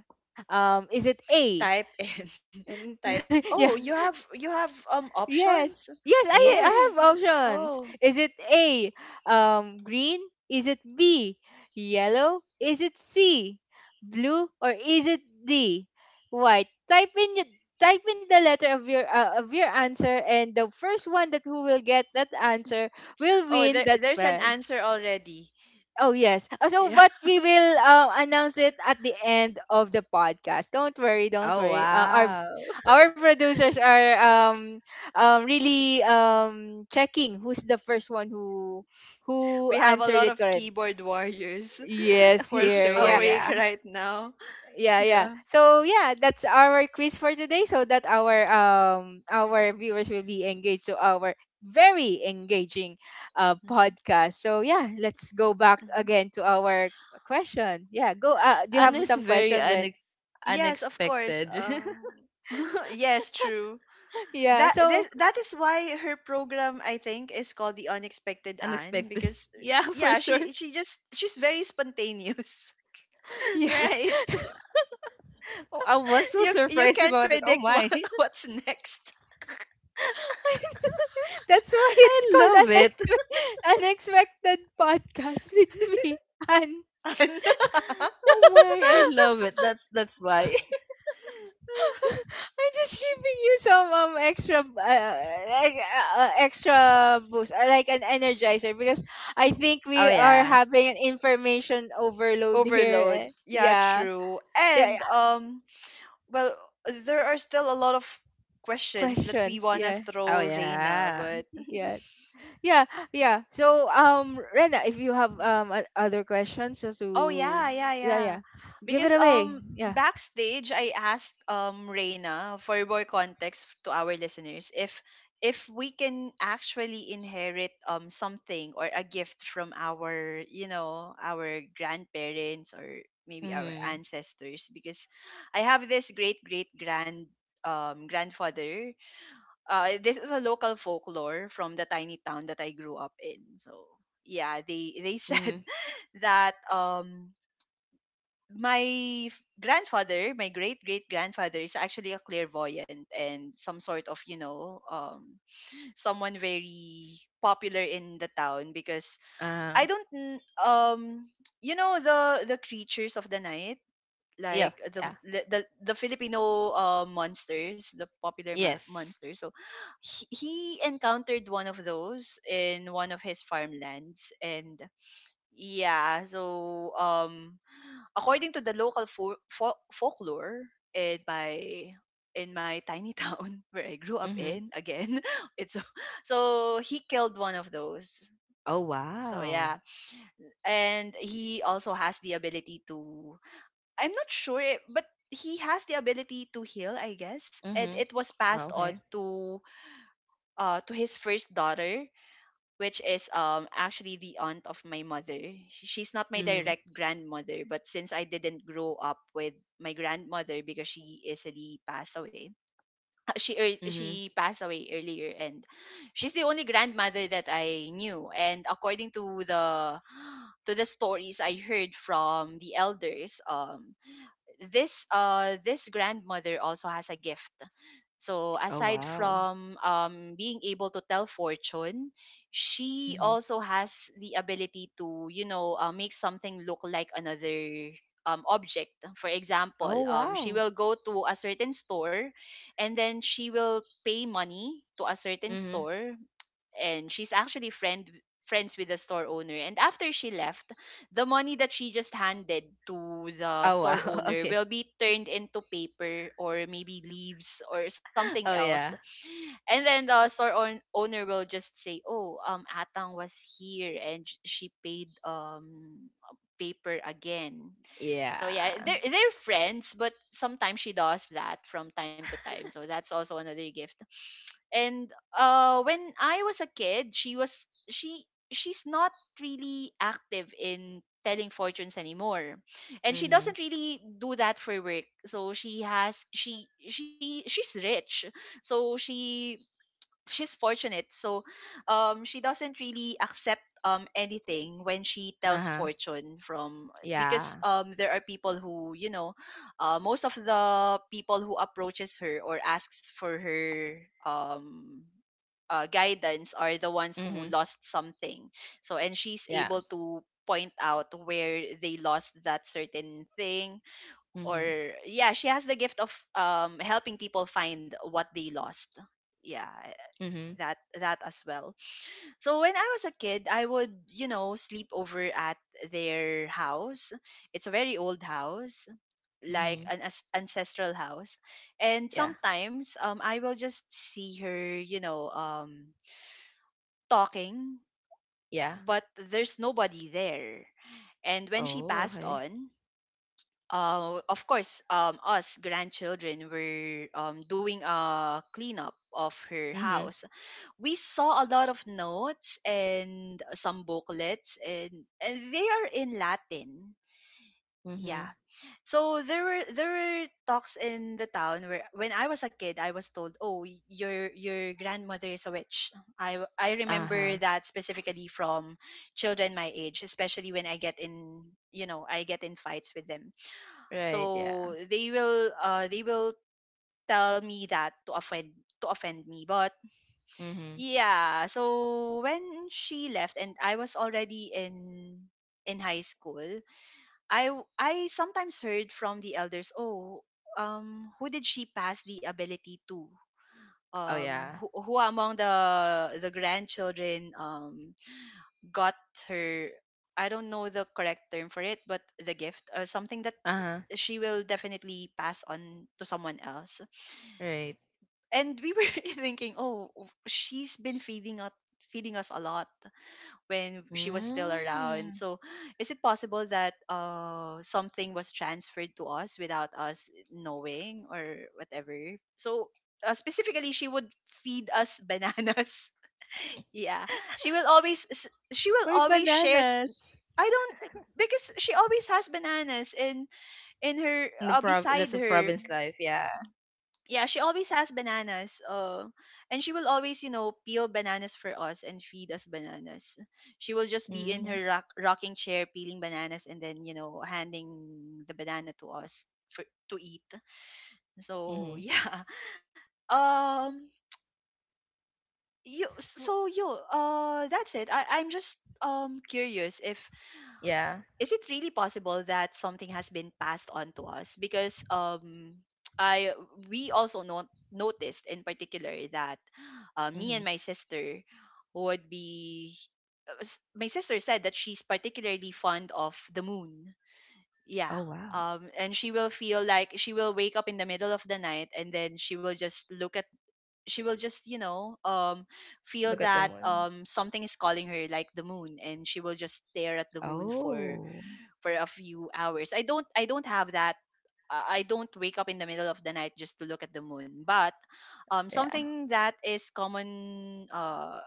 A: Is it a,
B: Type in
A: and
B: type. Oh,
A: yeah?
B: you have options.
A: Yes. Yes, I
C: Yes.
B: Okay.
A: have options.
B: Oh.
A: Is it A, green? Is it B, yellow? Is it C, blue? Or is it D, white? Type in, type in the letter of your, of your answer, and the first one that who will get that answer will
B: Oh,
A: win
B: there
A: that
B: there's an
A: prize.
B: answer already.
A: Oh, yes. So,
B: Yeah.
A: but we will, announce it at the end of the podcast. Don't worry, don't
C: Oh
A: worry. Our
C: wow.
A: our producers are, really, checking who's the first one who
B: We have a
A: answered
B: lot
A: it
B: of
A: correct.
B: keyboard warriors
A: Yes,
C: for
A: here.
C: sure,
A: Yeah.
B: awake
C: yeah.
B: right now.
A: Yeah, yeah.
B: Yeah.
A: So yeah, that's our quiz for today, so that our, our viewers will be engaged to our very engaging,
B: hmm
A: podcast. So yeah, let's go back
B: hmm
A: again to our question. Yeah, go, do you have
C: And
B: hmm.
C: it's
A: some
C: very
A: question, Ren?
B: Yes, of course.
C: unexpected.
B: Yes, true.
A: Yeah.
B: That
A: So
B: that is why her program, I think, is called The Unexpected Anne
C: unexpected,
B: because
C: yeah, for
B: yeah,
C: sure.
B: she's very spontaneous.
A: yeah.
C: right. Oh, I was so
B: You
C: surprised
B: can't
C: about it. Oh
B: predict
C: my.
B: what's next.
A: That's why it's
C: I
A: called
C: love it.
A: unexpected, unexpected podcast with me. And
B: Anne.
C: Oh my, I love it. That's why.
A: I'm just giving you some, extra, like, extra boost, like an energizer, because I think
C: Oh
A: we are
C: yeah.
A: having an information overload here.
B: Overload.
A: Eh.
B: Yeah,
A: Yeah,
B: true.
A: yeah,
B: And
A: yeah.
B: well, there are still a lot of questions that we
A: Questions,
B: wanna
A: yeah,
C: Oh
B: throw Reina,
C: yeah.
B: but
A: yeah, yeah, yeah. So, Rena, if you have, other questions, so
B: oh
A: to,
B: yeah, yeah,
A: yeah,
B: yeah.
A: yeah, give it
B: Because
A: away. Yeah,
B: backstage I asked Reina for more context to our listeners, if we can actually inherit something or a gift from our grandparents or maybe our
C: Mhm.
B: ancestors, because I have this great great grandfather. This is a local folklore from the tiny town that I grew up in. So yeah, they said
C: Mhm.
B: that my grandfather, my great great grandfather, is actually a clairvoyant and some sort of, someone very popular in the town, because
C: Uh.
B: I don't, um, the creatures of the night,
C: Yeah.
B: like the
C: Yeah.
B: the the, the Filipino monsters, the popular
C: Yes.
B: monsters. So he encountered one of those in one of his farmlands, and yeah, so according to the local folklore in my in my tiny town, where I grew up
C: Mhm.
B: in, again. it's So he killed one of those.
C: Oh
B: So
C: wow.
B: yeah, and he also has the ability to. I'm not sure, but he has the ability to heal, I guess, and
C: Mhm.
B: it was
C: Oh,
B: passed on
C: okay.
B: to his first daughter, which is actually the aunt of my mother. She's not my
C: Mhm.
B: direct grandmother, but since I didn't grow up with my grandmother because she easily passed away,
C: Mhm.
B: she passed away earlier, and she's the only grandmother that I knew. And according to the to the stories I heard from the elders, this this grandmother also has a gift. So
C: Oh
B: aside
C: wow.
B: from being able to tell fortune, she
C: Mhm.
B: also has the ability to, you know, make something look like another object. For example,
C: Oh
B: she
C: wow.
B: will go to a certain store, and then she will pay money to a certain
C: Mhm.
B: store, and she's actually friends with the store owner, and after she left, the money that she just handed to the
C: Oh
B: store
C: wow.
B: owner
C: Okay.
B: will be turned into paper or maybe leaves or something
C: Oh
B: else,
C: yeah.
B: and then the store owner will just say, "Oh, Atang was here and she paid paper again." So yeah,
C: Yeah.
B: they're friends, but sometimes she does that from time to time. So that's also another gift. And when I was a kid, she was she she's not really active in telling fortunes anymore, and she
C: Mhm.
B: doesn't really do that for work. So she's rich, so she's fortunate. So she doesn't really accept anything when she
C: Uh
B: tells
C: huh.
B: fortune, from because
C: Yeah.
B: there are people who, you know, most of the people who approaches her or asks for her um guidance, are the ones who
C: Mhm.
B: lost something. So and she's
C: Yeah.
B: able to point out where they lost that certain thing.
C: Mhm.
B: Or, yeah, she has the gift of helping people find what they lost. Yeah,
C: Mhm.
B: that as well. So when I was a kid, I would, you know, sleep over at their house. It's a very old house, like
C: Mhm.
B: an ancestral house. And
C: Yeah.
B: sometimes I will just see her, you know, talking,
C: Yeah.
B: but there's nobody there. And when she
C: Oh,
B: passed
C: okay.
B: on, of course, us grandchildren were, doing a cleanup of her
C: Mm-hmm.
B: house. We saw a lot of notes and some booklets, and they are in Latin. Yeah.
C: Mhm.
B: So there were talks in the town where, when I was a kid, I was told, "Oh, your grandmother is a witch." I remember
C: Uh-huh.
B: that specifically from children my age, especially when I get in fights with them.
C: Right, yeah.
B: So they will tell me that, to offend me. But
C: Mhm.
B: yeah, so when she left and I was already in high school, I sometimes heard from the elders, "Oh, um, who did she pass the ability to?
C: Oh
B: Um,
C: yeah.
B: who among the grandchildren got her, I don't know the correct term for it, but the gift, or something that
C: Uh-huh.
B: she will definitely pass on to someone else."
C: Right.
B: And we were thinking, "Oh, she's been feeding us a lot when she was still around.
C: Mm.
B: So, is it possible that, something was transferred to us without us knowing or whatever? So, specifically, she would feed us bananas." Yeah, she will
A: why
B: always share.
A: bananas?
B: I don't, because she always has bananas in her,
C: In the prov That's
B: beside
C: a
B: her.
C: province life, yeah.
B: Yeah, she always has bananas. And she will always, you know, peel bananas for us and feed us bananas. She will just be in
C: Mhm.
B: her rocking chair peeling bananas and then, you know, handing the banana to us for to eat.
C: Mhm.
B: So yeah. Um. You.
A: W-
B: That's it. I'm just curious, if
C: Yeah.
B: is it really possible that something has been passed on to us, because I we also not noticed in particular that, me and
C: Mhm.
B: my sister would be my sister said that she's particularly fond of the moon. Yeah,
C: Oh wow.
B: and she will feel like she will wake up in the middle of the night, and then she will just, feel
C: Look at the
B: that
C: moon.
B: something is calling her, like the moon, and she will just stare at the moon for
C: Oh.
B: for a few hours. I don't have that. I don't wake up in the middle of the night just to look at the moon. But
C: Yeah.
B: something that is common uh,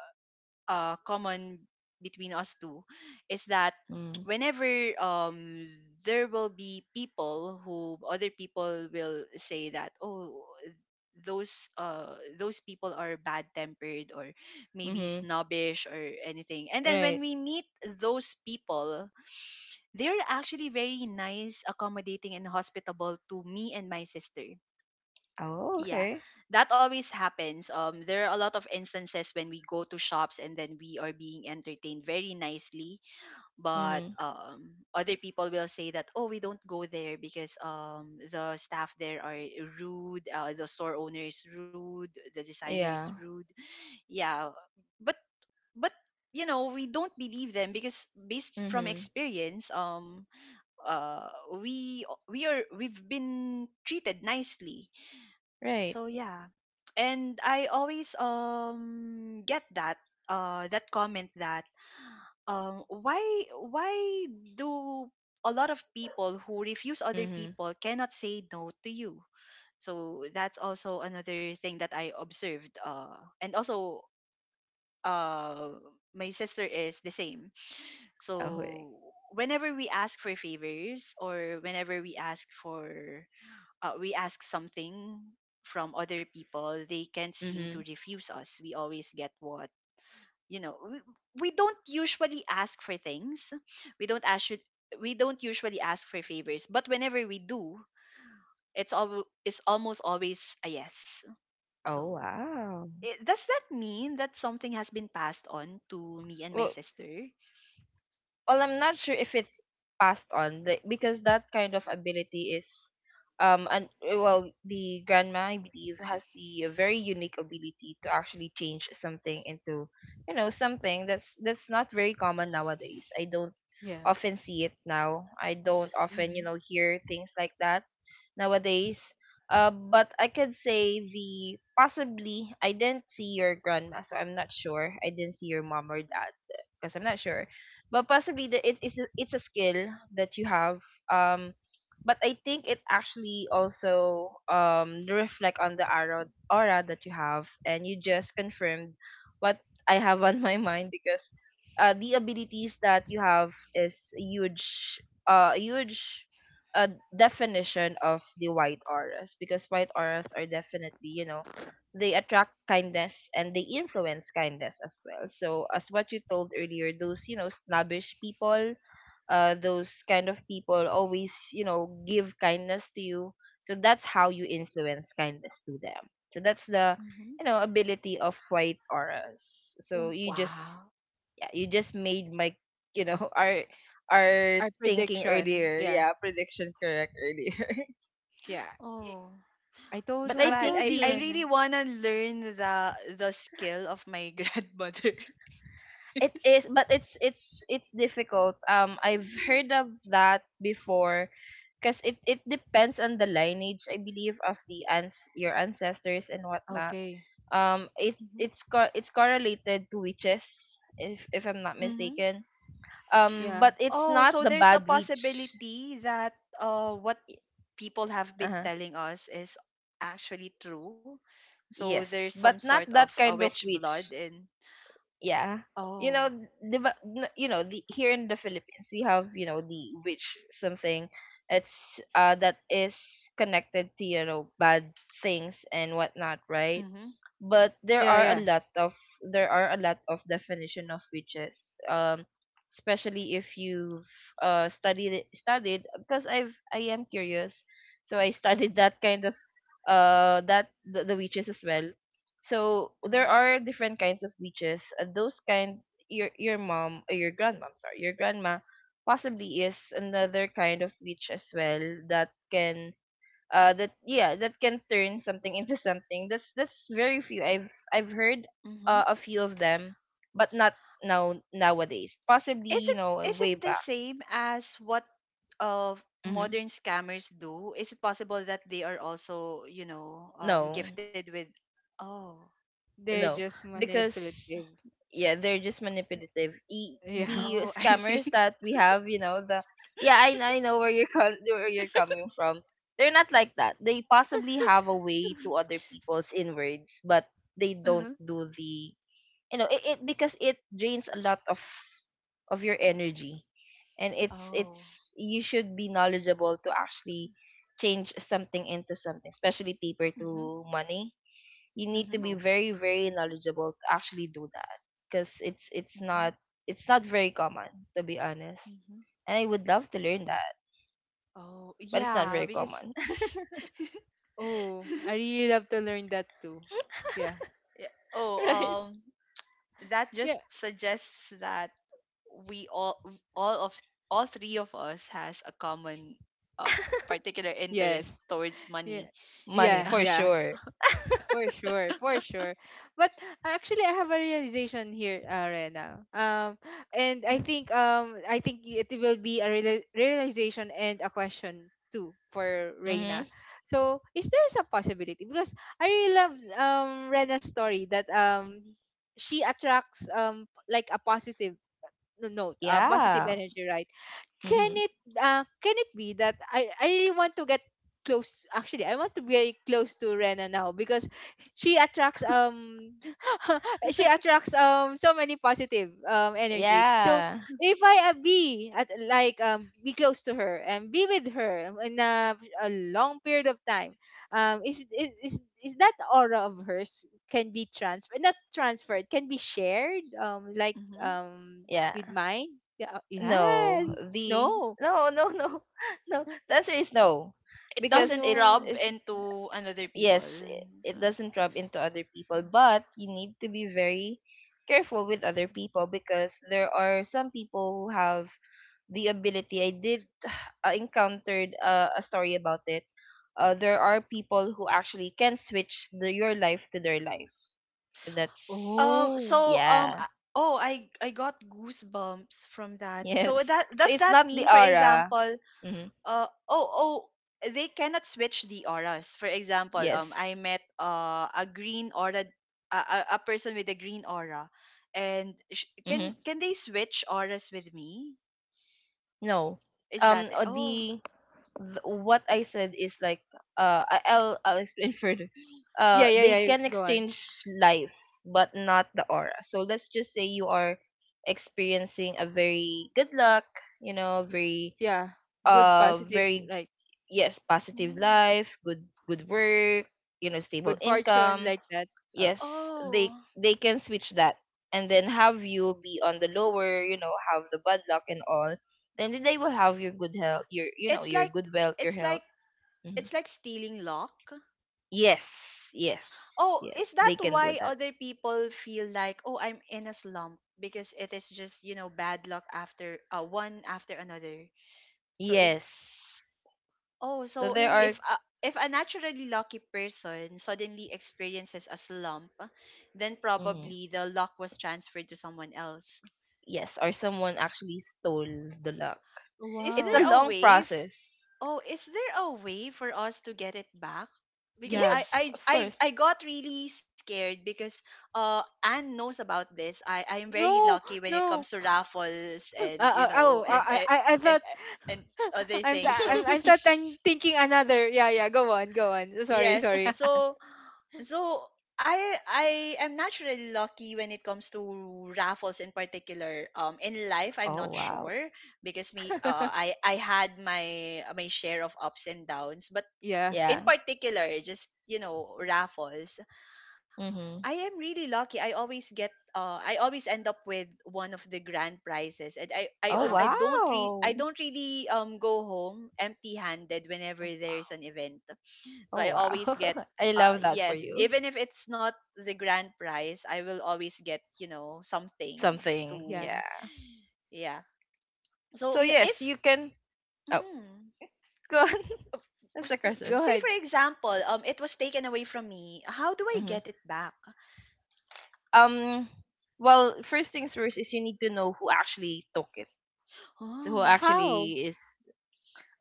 B: uh, common between us two, is that
C: Mm.
B: whenever, um, there will be people who other people will say that, oh, those uh those people are bad tempered or maybe
C: Mhm.
B: snobbish or anything, and then when
C: Right.
B: we meet those people, they're actually very nice, accommodating, and hospitable to me and my sister.
C: Oh,
B: Yeah,
C: okay.
B: that always happens. There are a lot of instances when we go to shops, and then we are being entertained very nicely, but
C: Mhm.
B: other people will say that, oh, we don't go there because, the staff there are rude, the store owner is rude, the designer is
C: Yeah.
B: rude. Yeah, but but you know, we don't believe them because, based from
C: Mhm.
B: experience, uh we've been treated nicely.
C: Right.
B: So yeah. And I always get that, comment, that um why why do a lot of people who refuse other
C: Mhm.
B: people cannot say no to you. So that's also another thing that I observed, and also, uh my sister is the same.
C: Okay.
B: So whenever we ask for favors, or whenever we ask for, we ask something from other people, they can't seem to
C: Mhm.
B: refuse us. We always get what, you know. We don't usually ask for things. We don't ask. We don't usually ask for favors, but whenever we do, it's almost always a yes.
C: Oh
B: So.
C: wow.
B: Does that mean that something has been passed on to me and my
C: Well,
B: sister?
C: well, I'm not sure if it's passed on, like, because that kind of ability is— and, well, the grandma, I believe, has the very unique ability to actually change something into, something that's not very common nowadays. I don't
A: Yeah.
C: often see it now. I don't often,
A: Mm-hmm.
C: hear things like that nowadays. But I could say the— possibly. I didn't see your grandma, so I'm not sure. I didn't see your mom or dad, because I'm not sure, but possibly the, it, it's a skill that you have. um but I think it actually also reflect on the aura that you have, and you just confirmed what I have on my mind, because the abilities that you have is a huge uh, definition of the white auras, because white auras are definitely, they attract kindness and they influence kindness as well. So as what you told earlier, those, snobbish people, those kind of people always, give kindness to you. So that's how you influence kindness to them. So that's the,
B: Hmm.
C: ability of white auras. So you just—
A: Wow.
C: yeah, you just made my, you know our our
A: Our
C: thinking
A: prediction.
C: earlier—
A: Yeah,
C: yeah, prediction correct earlier.
A: yeah.
B: Oh,
A: I told,
C: But
B: too
C: I
A: I
B: bad.
C: think
A: told
B: I,
A: you
B: I
C: the
A: right now.
B: really wanna learn the skill of my grandmother,
C: it
B: because.
C: is, but it's difficult. I've heard of that before, because it depends on the lineage, I believe, of the ans your ancestors and whatnot.
A: Okay.
C: It
B: Mhm.
C: it's co- it's correlated to witches, if I'm not
B: Mhm.
C: mistaken.
A: Yeah.
C: But it's
B: Oh,
C: not
B: so
C: the
B: there's a
C: bad witch.
B: possibility that what people have
C: Uh
B: been
C: huh.
B: telling us is actually true. So there's
C: Yes,
B: some
C: but
B: sort
C: not
B: of
C: that
B: a
C: kind
B: witch
C: of
B: blood
C: witch.
B: in.
C: Yeah, you know
B: Oh.
C: the ba- n- you know the here in the Philippines, we have, the witch— something— it's that is connected to, bad things and whatnot, right?
B: Mhm.
C: But there
A: Yeah,
C: are a
A: yeah.
C: lot of there are a lot of definition of witches. Especially if you've studied, because I am curious, so I studied that kind of, the witches as well. So there
B: Mhm.
C: are different kinds of witches, and those kind— your mom or your grandma— I'm sorry, your grandma— possibly is another kind of witch as well, that can— that yeah, that can turn something into something that's very few, I've heard,
B: Mhm.
C: a few of them. But not now, nowadays.
B: Is
C: Possibly,
B: it is it
C: way
B: the
C: back.
B: same as what uh
C: Mm-hmm.
B: modern scammers do? Is it possible that they are also, you know,
C: No.
B: gifted with. Oh.
A: They're
C: no
A: just
C: because—
A: manipulative.
C: yeah, they're just manipulative.
A: Yeah.
C: The
B: Oh, I see.
C: scammers that we have, the— yeah, I know where you're where you're coming from. They're not like that. They possibly have a way to other people's inwards, but they don't
B: Uh-huh.
C: do the— it, it— because it drains a lot of your energy, and
B: Oh.
C: it's you should be knowledgeable to actually change something into something, especially paper
B: Mm-hmm.
C: to money. You need
B: Mm-hmm.
C: to be
A: Oh.
C: very, very knowledgeable to actually do that, because it's not very common, to be honest.
B: Mm-hmm.
C: And I would love to learn that,
B: Oh,
C: but it's not
B: yeah,
C: very
B: because.
C: common.
A: Oh, I really love to learn that too. Yeah.
B: Yeah. Oh,
C: Right.
B: um, that just
A: Yeah.
B: suggests that we all of, all three of us has a common, uh, particular interest
A: Yes.
B: towards
A: Yeah.
B: money.
C: Money,
A: Yeah,
B: Yeah.
C: for
A: yeah.
C: sure.
A: For sure, for sure. But actually, I have a realization here, Rena. And I
B: Yeah.
A: think, I think it will be a realization and a question too for Reina.
C: Mm-hmm.
A: So, is there some possibility? Because I really love, Rena's story that, she attracts, like a positive, no note, a positive
C: Yeah.
A: energy, right? Can
C: Mm-hmm.
A: it, can it be that I really want to get close, actually I want to be close to Rena now, because she attracts, she attracts, so many positive, energy. So
C: Yeah,
A: if I, be at, like, be close to her and be with her in a long period of time, is that aura of hers can be transferred, not transferred, can be shared,
B: hmm
C: yeah.
A: with mine? Yeah,
C: No,
A: yes.
C: the—
A: No.
C: no, no, no— no, the answer is no.
B: It
A: Oh,
C: Because
B: doesn't
C: it's,
A: no.
B: rub
C: it's
B: into another people.
C: yes,
B: So,
C: it doesn't rub into other people, but you need to be very careful with other people, because there are some people who have the ability. I did, encountered, a story about it. There are people who actually can switch your life to their life. So that's—
B: um,
A: Oh.
B: so,
C: yeah,
B: oh, I got goosebumps from that.
C: yes.
B: So
C: So
B: does
C: it's
B: that
C: not the
B: mean, for
C: aura.
B: example,
C: Hmm.
B: oh, oh, they cannot switch the auras, for example, I
C: Yes.
B: met a green aura, a person with a green aura, and can
C: Hmm.
B: can they switch auras with me,
C: No.
B: is
C: Um,
B: that it?
C: uh,
B: Oh.
C: the what I said is, like, I'll explain further.
A: Yeah, yeah,
C: They
A: yeah. Yeah,
C: can
A: go on.
C: exchange life but not the aura. So let's just say you are experiencing a very good luck, you know, very
A: Yeah. Good
C: uh
A: positive
C: very
A: like
C: yes, positive
B: Mm.
C: life, good work, you know, stable
A: good fortune
C: income.
A: like that. Uh,
C: Yes,
B: Oh.
C: they can switch that and then have you be on the lower, you know, have the bad luck and all. Then they will have your good health, your you know,
B: it's
C: your
B: like
C: good wealth, your
B: it's like
C: health. Mhm.
B: it's like stealing luck.
C: Yes, yes,
B: Oh, is
C: yes.
B: that
C: they can do
B: why
C: that.
B: other people feel like, oh, I'm in a slump, because it is just, you know, bad luck after, one after another. So is
C: Yes.
B: Oh,
C: So
B: so
A: yeah.
B: if a, naturally lucky person suddenly experiences a slump, then
C: mhm,
B: probably the luck was transferred to someone else.
C: yes, or someone actually stole the luck.
B: Is
C: It's a
B: there
A: Wow.
B: a
C: long
B: way?
C: process.
B: Oh, is there a way for us to get it back? Because
A: Yeah.
B: I
C: Yes,
B: I
C: of
B: I, I
C: course.
B: got really scared, because Anne knows about this. I am very
A: No,
B: lucky when it comes
A: no.
B: to raffles and
A: Oh, I
B: and,
A: thought
B: and other
A: I'm,
B: things. So
A: I'm thought, I'm thinking another. Yeah, yeah. Go on, go on. Sorry,
B: yes.
A: sorry.
B: So so I I am naturally lucky when it comes to raffles in particular. In life, I'm
C: Oh
B: not
C: wow.
B: sure because me I had my share of ups and downs, but
A: Yeah.
B: in
C: Yeah.
B: particular, just raffles. I
C: Mm-hmm.
B: am really lucky. I always get. I always end up with one of the grand prizes, and I,
C: Oh
B: o- I
A: Wow.
B: don't re- I
C: wow.
B: don't really go home empty-handed whenever
A: Oh,
B: there's
A: wow.
B: an event. So
C: Oh
B: I always get
C: wow. I love that for
B: yes,
C: you.
B: even if it's not the grand prize, I will always get, something
C: Something.
B: to
A: Yeah.
C: Yeah.
B: yeah.
C: So
B: So
A: Yeah.
C: yes,
B: if
C: you can. Oh,
B: mm,
C: go on. That's a question.
A: Go
B: say for
A: ahead.
B: example, it was taken away from me, how do I get it back?
C: um well, first things first is you need to know who actually took it, who
B: Oh.
A: How?
C: actually is.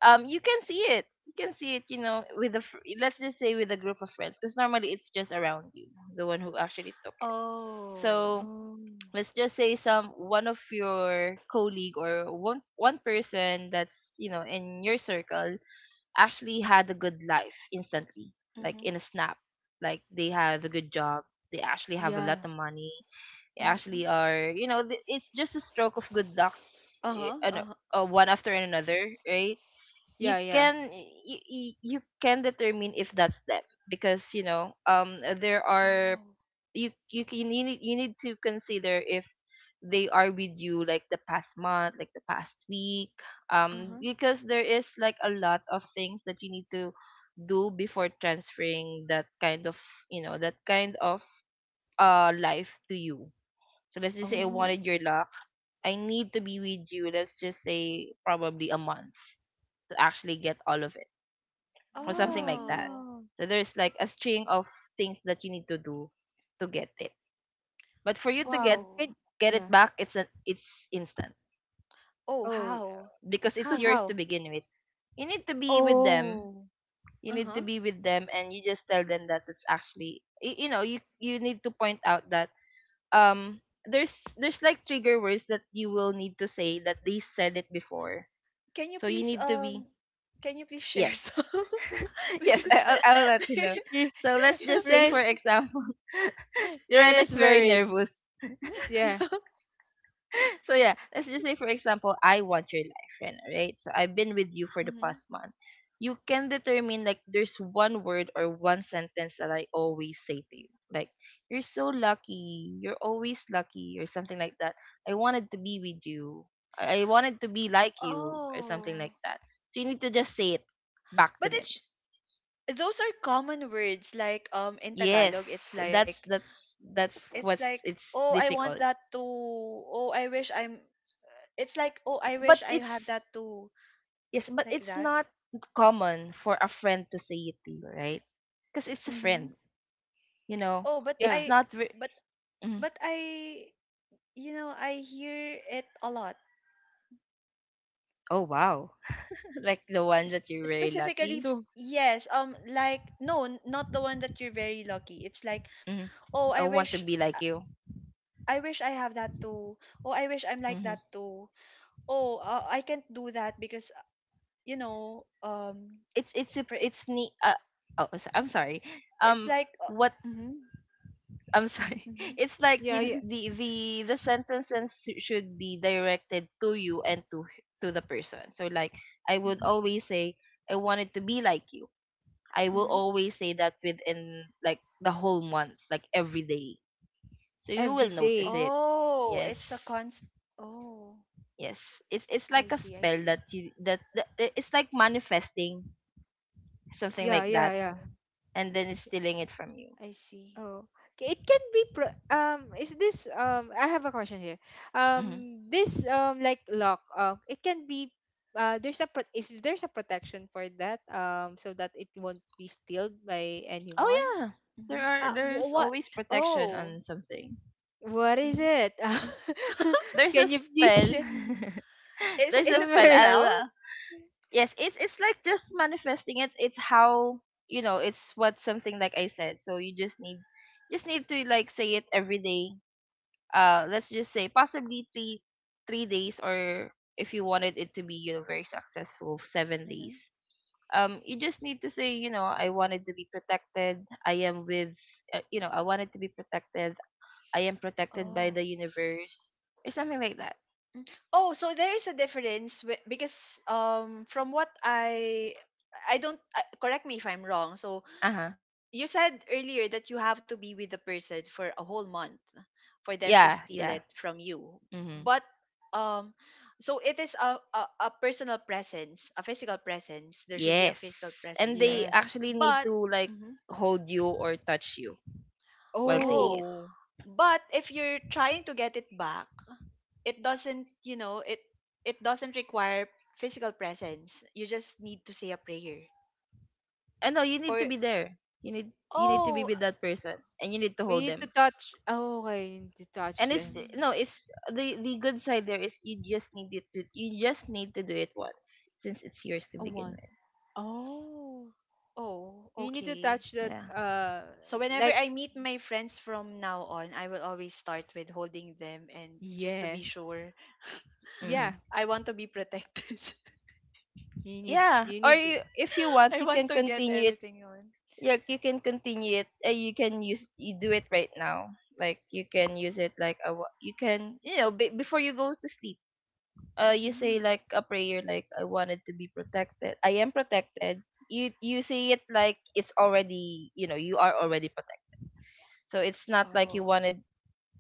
C: You can see it, you can see it, you know, with a let's just say with a group of friends, because normally it's just around you, the one who actually took it.
B: Oh.
C: So
A: Oh.
C: let's just say some one of your colleague or one person that's, you know, in your circle actually had a good life instantly, like
B: Mhm.
C: in a snap, like they had a good job, they actually have a lot of
A: Yeah.
C: money,
B: Mhm.
C: actually are, you know, it's just a stroke of good lucks,
B: Uh-huh. Uh-huh.
C: one after another, right? You
A: Yeah. Yeah.
C: can, you can determine if that's them, because you know, there are,
B: Oh.
C: you can you need to consider if they are with you like the past month, like the past week,
B: Uh-huh.
C: because there is like a lot of things that you need to do before transferring that kind of, you know, that kind of life to you. So let's just say I
B: Mhm.
C: wanted
A: Oh.
C: your luck. I need to be with you, let's just say probably a month, to actually get all of it or something like that.
B: Oh.
A: Wow.
C: So there's like a string of things that you need to do to get it. But for you to
A: Wow. Can.
B: Oh.
C: get it
A: Yeah.
C: back, it's instant
B: Oh,
A: Oh,
B: how?
C: because it's
A: how,
C: yours to
A: how?
C: begin with. You need to be with them.
A: Oh.
C: You need to
B: Uh-huh.
C: be with them and you just tell them that it's actually you, you know, you need to point out that um there's like trigger words that you will need to say that they said it before.
B: Can you
C: So you
B: please
C: need to be,
B: um can you please share
C: yes,
B: some
C: yes.
B: because
C: I'll let you know.
A: Re-
C: So let's
B: yeah,
C: just say, for
A: Ren.
C: example,
A: Ren
C: Joanna's
A: is
C: very
A: worried.
C: nervous.
A: Yeah.
B: yeah.
C: So yeah, let's just say, for example, I want your life, Rena, right? So I've been with you for the
B: Hmm.
C: past month. You can determine like there's one word or one sentence that I always say to you, like, you're so lucky, you're always lucky, or something like that. I wanted to be with you. I wanted to be like you, or something
B: Oh.
C: like that. So you need to just say it back to
B: But
C: them.
B: it's those are common words like in
C: Yes,
B: Tagalog
C: that's
B: it's
C: what's,
B: like
C: it's
B: oh I want
C: difficult.
B: that too. Oh I wish I'm it's like oh I wish
C: But
B: I have
C: it's
B: that too
C: yes, but
B: like
C: it's
B: that.
C: not common for a friend to say it to you, right? Because it's a friend,
B: Mhm.
C: you know.
B: Oh but
C: It's
A: Yeah.
B: I
C: not. Re-
B: but
C: Mhm.
B: but I I hear it a lot
C: Oh wow, like the one that you're very lucky.
A: Two.
B: yes like not the one that you're very lucky. It's like
C: Hmm.
B: oh I
C: I
B: wish
C: want to be
B: i
C: like you.
B: I wish I have that too. Oh I wish I'm like
C: Hmm.
B: that too. Oh I can't do that because you know um
C: It's a,
B: for
C: it's ne- oh so- I'm sorry.
B: it's
C: Um,
B: like
C: what
B: mm-hmm,
C: I'm sorry.
B: mm-hmm,
C: It's like
A: Yeah,
C: in
A: yeah.
C: the the sentences should be directed to you and to to the person. So like I would
B: mm-hmm,
C: always say I wanted to be like you. I will
B: hmm.
C: always say that within like the whole month, like every day. So you
A: Every
C: will notice
A: day.
C: it.
B: Oh
C: Yes.
B: it's a const. Oh
C: Yes. It's
B: I
C: like a
B: see, I
C: spell
B: see.
C: that that it's like manifesting something
A: Yeah,
C: like
A: yeah,
C: that,
A: yeah.
B: Oh
C: and then it's stealing it from you.
B: I see.
A: Oh, it can be, pro, is this, I have a question here.
C: Hmm.
A: This, like lock, it can be, there's a if there's a protection for that, so that it won't be stealed by anyone.
C: Oh yeah.
B: Hmm.
A: Uh
C: There's
A: what
C: always protection
B: Oh.
C: on something.
A: What is
B: Hmm.
A: it?
C: There's a
A: Can you please
C: spell.
A: share?
C: There's
B: Is
C: a
A: Don't
B: it a
C: spell.
A: worry.
C: I'll
B: spell?
C: yes, it's like just manifesting. It's how, you know. It's what something like I said. So you just need to like say it every day. Let's just say possibly three three days, or if you wanted it to be, you know, very successful, seven
B: Hmm.
C: days. You just need to say, you know, I wanted to be protected. I am with you know, I wanted to be protected. I am protected by
B: Oh.
C: the universe or something like that.
B: Mm. Oh, so there is a difference because from what I don't correct me if I'm wrong. So
C: Uh huh.
B: you said earlier that you have to be with the person for a whole month for them to
C: Yeah,
B: steal
C: yeah.
B: it from you.
C: Mhm.
B: But um so it is a personal presence, a physical presence. There should be a physical
C: Yes. And
B: presence, right?
C: they
A: Yes.
C: actually need
B: But
C: to like
B: mhm.
C: hold you or touch you while seeing
B: Oh,
C: it.
A: Oh,
B: but if you're trying to get it back, it doesn't it, it doesn't require physical presence. You just need to say a prayer
C: And no, you need
B: or
C: to be there. You need to be
B: oh.
C: with that person and you need to
A: we
C: hold
A: need to
C: them.
A: touch. Oh, I need to touch
C: And it's
A: them.
B: Mm,
C: no, it's, the good side there is, you just need it to you just need to do it once since it's yours to
A: Oh,
C: begin
A: once.
C: with.
A: Oh,
B: oh
A: you need to
B: okay.
A: touch that.
C: Yeah.
B: So whenever
A: Like,
B: I meet my friends from now on, I will always start with holding them and just to be
A: yes,
B: sure.
C: Mhm.
A: yeah.
B: I want to be protected.
A: You need.
C: Yeah.
A: You
C: Or
A: need to.
C: you, if you want,
B: I
C: you
B: want
C: can
B: to get
C: continue it,
B: everything on.
C: yeah, you can continue it. You can use you do it right now, like you can use it like you can, you know, before you go to sleep, you say
B: Mm.
C: like a prayer, like, I wanted to be protected, I am protected. You say it like it's already, you know, you are already protected. So it's not like
B: Oh.
C: you wanted.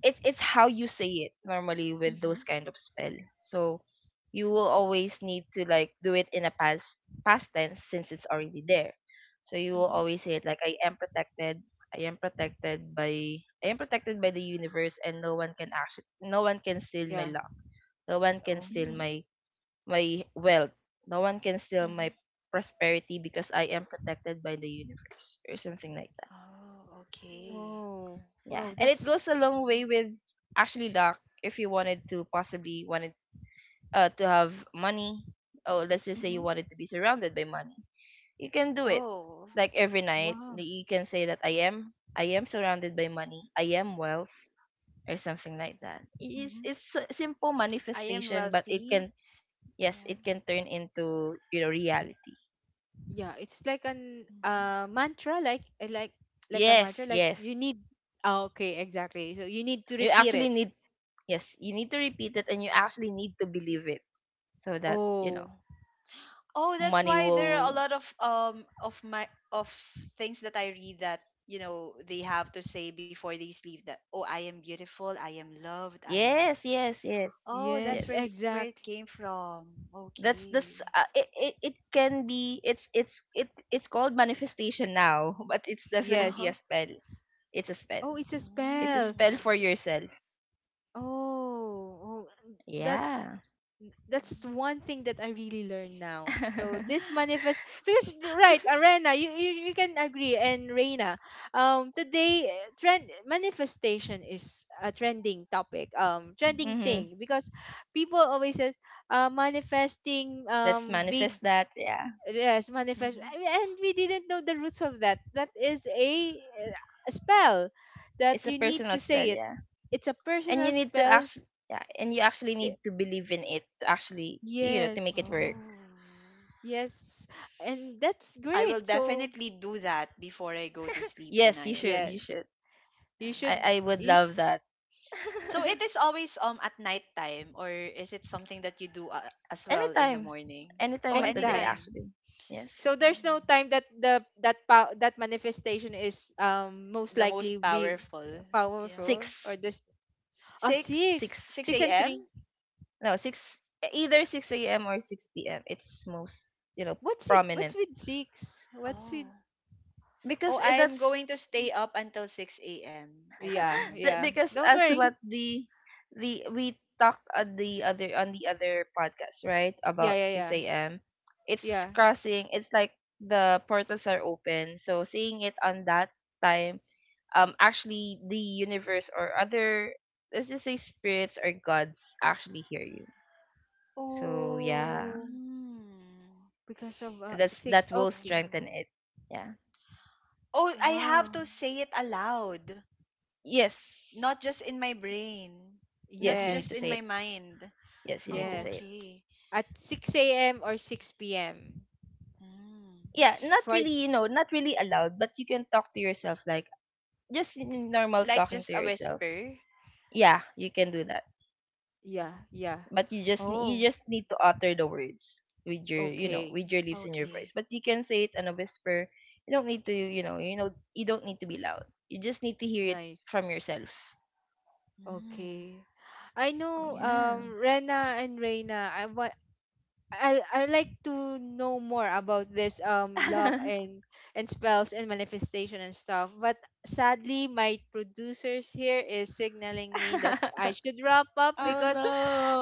C: It's how you say it normally with
B: Mhm.
C: those kind of spell. So you will always need to like do it in a past tense since it's already there. So you will
B: Mhm.
C: always say it like, I am protected. I am protected by the universe, and no one can actually, no one can steal my
A: Yeah.
C: luck. No one can
A: Oh.
C: steal
B: Mhm.
C: my my wealth. No one can steal
B: Mhm.
C: my prosperity because I am protected by the universe or something like.
B: Oh okay.
A: Whoa.
C: Yeah,
A: Whoa.
C: and it
A: That's
C: goes a long
B: Mhm.
C: way with actually luck if you wanted to have money. Oh, let's just say you
B: Mhm.
C: wanted to be surrounded by money. You can do it.
B: Oh.
C: Like every night,
A: wow.
C: that you can say that, I am surrounded by money. I am wealth or something like that.
B: Mhm.
C: It's a simple
B: I am
C: manifestation, but it
B: wealthy.
C: can, yes,
B: Yeah.
C: it can turn into, you know, reality.
A: Yeah. It's like an,
B: Hmm.
A: mantra. Like, like a
C: Yes,
A: mantra. Like
C: yes.
A: you need. Oh, okay. Exactly. So you need to
C: You
A: repeat
C: actually
A: it.
C: need, yes, you need to repeat it, and you actually need to believe it so that, you know,
A: Oh,
B: Oh, that's
C: money
B: why there are a
C: will.
B: lot of my of things that I read that they have to say before they sleep that oh I am beautiful, I am loved, I am.
C: Yes, yes, yes,
B: Oh, that's
A: yes,
C: yes,
B: where it
A: exactly.
B: came from.
C: that's this.
B: Okay.
C: Uh, it can be it's it It's called manifestation now, but it's
B: Uh
C: definitely
A: Yes.
B: huh.
C: a spell. It's a spell.
A: Oh, it's a
C: It's a
B: Mm.
A: spell.
C: spell for
A: S-
C: yourself,
A: Oh, oh, that,
C: yeah.
A: that's one thing that I really learned now. So,
C: Mm-hmm.
A: this manifest, because right, Arena, you can agree, and Reina. Today, eh, trend, manifestation is a trending topic.
B: Mm-hmm.
A: Trending thing because people always says, manifesting,
C: Let's
A: big.
C: manifest that, yeah.
A: Yes, manifest.
B: Mm-hmm.
A: I mean, and we didn't know the roots of that. That is a spell that
C: It's a
A: you need
C: personal
A: to
C: spell,
A: say it.
C: yeah.
A: It's a
C: and
A: personal
C: you need to
A: spell.
C: actually Yeah, and you actually
A: Y-
C: need to believe in it to actually, you know, to make it
A: Yes.
C: work.
B: Oh.
A: Yes. And that's
B: I will
A: great. So,
B: definitely do that before I go to sleep
C: Yes, you
B: tonight.
C: should,
A: yeah,
C: you should.
A: you
C: i
A: should,
C: i would
A: you should,
C: love that.
B: So it is always at night time, or is it something that you do as well in the
C: Anytime.
B: morning? Oh,
C: Anytime at the day
A: anytime.
B: anytime.
C: actually. Yes.
A: So there's no
B: Mm.
A: time that the, that, that manifestation is, most
B: The
A: likely
B: most
A: be
B: powerful. Yeah.
A: powerful, or
C: 6
A: there's, oh,
B: 6
C: 6
A: six, six
B: 6
A: and
B: a.m.
A: three.
C: no, 6 either 6 a.m. or 6 p.m. It's most, you know,
A: What's it? What's
C: prominent
A: with six? What's
B: Oh.
A: with.
B: Oh,
C: because
B: I am
C: that's
B: going to stay up until 6 a.m. I
A: Yeah,
C: that-
B: promise.
A: yeah.
C: because
A: Don't
C: as
A: worry.
C: what the we talked on the other podcast, right?
A: Yeah,
C: About
A: yeah, yeah.
C: 6 a.m. It's
A: Yeah.
C: crossing. It's like the portals are open. So seeing it on that time, actually the universe or other, let's just say, spirits or gods actually hear you. So yeah,
A: Oh,
B: Mm.
A: because of,
C: that's,
A: six.
C: that
B: Oh.
C: will
A: Okay.
C: strengthen it. Yeah.
B: Oh, I have
A: Wow.
B: to say it aloud,
C: Yes,
B: not just in my brain, not
C: yes, you need
B: just
C: to
A: Yes.
B: in
C: say
B: my
C: it.
B: mind.
C: Yes, you need to
B: Oh,
C: say it.
A: Yes.
B: okay.
A: At 6 a.m. or 6 p.m.
B: Mm.
C: Yeah,
A: It's
C: not
A: for,
C: really, you know, not really aloud, but you can talk to yourself, like just in normal
B: Like just
C: talking to
B: a
C: yourself.
B: whisper.
C: Yeah, you can do that.
A: yeah,
B: Mhm.
A: yeah.
C: But you
A: Oh,
C: just need to utter the words with your, you know,
A: okay.
C: with your lips and your voice,
B: Okay.
C: but you can say it in a whisper. You don't need to, you know, you don't need to be loud. You just need to hear it from
A: Nice.
C: yourself.
B: Mm.
A: Okay. I know,
B: Okay.
C: Yeah.
A: Rena and Reina. I want, I like to know more about this, luck and spells and manifestation and stuff. But sadly, my producers here is signaling me that I should wrap up,
C: Oh
A: because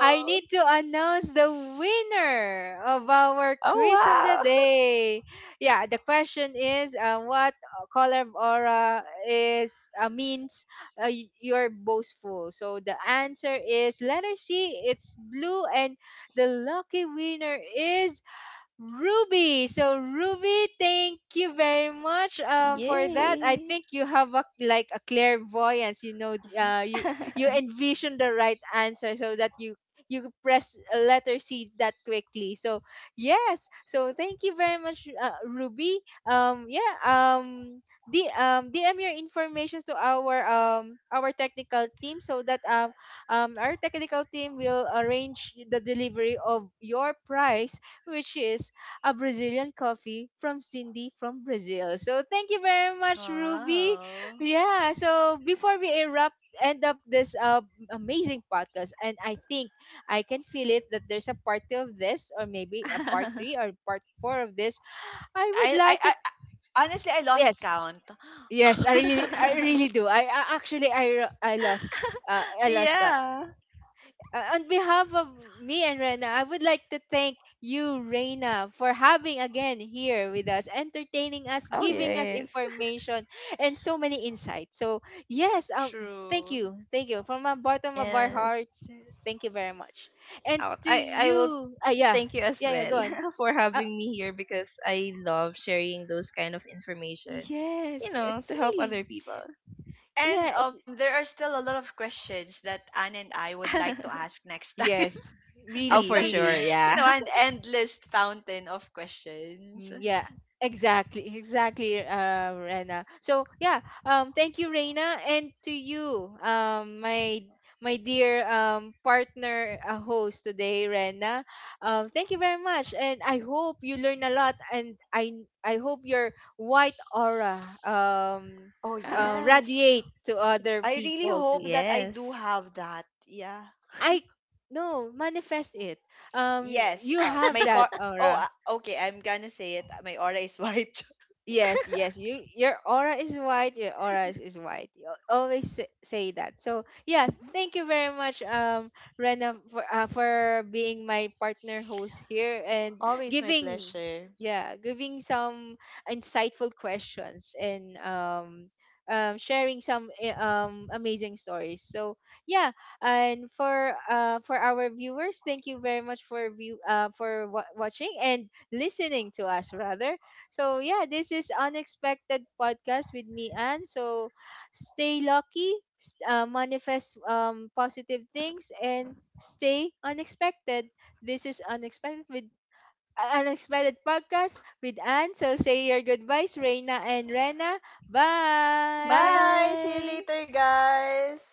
A: I need to announce the winner of our
C: Oh
A: quiz of the
C: wow.
A: day. Yeah, the question is, what color of aura is, means, you're boastful. So the answer is letter C, it's blue, and the lucky winner is Ruby. So Ruby, thank you very much, for that. I
C: Yay.
A: think you have a, like a clairvoyance. You know,
B: Mhm.
A: you, you envision the right answer, so that you press a letter C that quickly. So yes. So thank you very much, Ruby. Yeah. D, DM your information to our, our technical team, so that, our technical team will arrange the delivery of your prize, which is a Brazilian coffee from Cindy from Brazil. So thank you very much, Ruby.
B: Wow.
A: Yeah. So before we erupt, end up this, amazing podcast, and I think I can feel it that there's a part two of this, or maybe a part three or part four of this. I would like to.
B: Honestly, I lost
A: Yes.
B: count.
A: Yes, I really do. I actually, I, I lost count.
C: Yeah.
A: On behalf of me and Rena, I would like to thank you, Rena, for having again here with us, entertaining us,
C: Oh
A: giving us
C: yes,
A: information, and so many insights. So yes,
B: True.
A: thank you from the bottom of our
C: yes.
A: hearts. Thank you very much. And
C: out
A: to
C: I will
A: you, ah, yeah,
C: Thank you as
A: yeah, yeah,
C: well
A: go on.
C: for
A: Uh,
C: having me here, because I love sharing those kind of information, you
A: yes,
C: know,
A: it's
C: to help
A: really,
C: other people.
A: yeah,
B: And
A: it's,
B: there are still a lot of questions that Anne and I would like to ask next time.
A: yes,
C: Oh,
B: It's
A: really,
C: for
B: like,
C: sure.
A: really.
B: you
C: Yeah.
B: know, an endless fountain of
A: Mm,
B: questions.
A: yeah, exactly, exactly, Rena. So yeah, thank you, Reina, and to you, my, my dear, partner, host today, Rena. Thank you very much, and I hope you learn a lot, and I hope your white aura,
B: Oh, yes.
A: radiate to other
B: I really
A: people too.
B: hope that I
C: Yes.
B: do have that. Yeah.
A: I no, manifest it. Um,
B: Yes.
A: you have that
B: Oh,
A: aura.
B: okay. I'm gonna say it. My aura is white.
A: Yes, yes. You, your aura is white. Your aura is white. You always say, say that. So yeah, thank you very much, Rena, for, for being my partner host here, and
B: Always my
A: giving,
B: pleasure.
A: yeah, giving some insightful questions, and, sharing some, eh, amazing stories. So yeah, and for, for our viewers, thank you very much for view, for watching and listening to us rather. So yeah, this is Unexpected Podcast with me, Anne. So stay lucky, manifest, positive things, and stay unexpected. This is unexpected with, Unexpected Podcast with Anne. So say your goodbyes, Reina and Rena. Bye.
B: Bye! See you
C: Bye.
B: later, guys!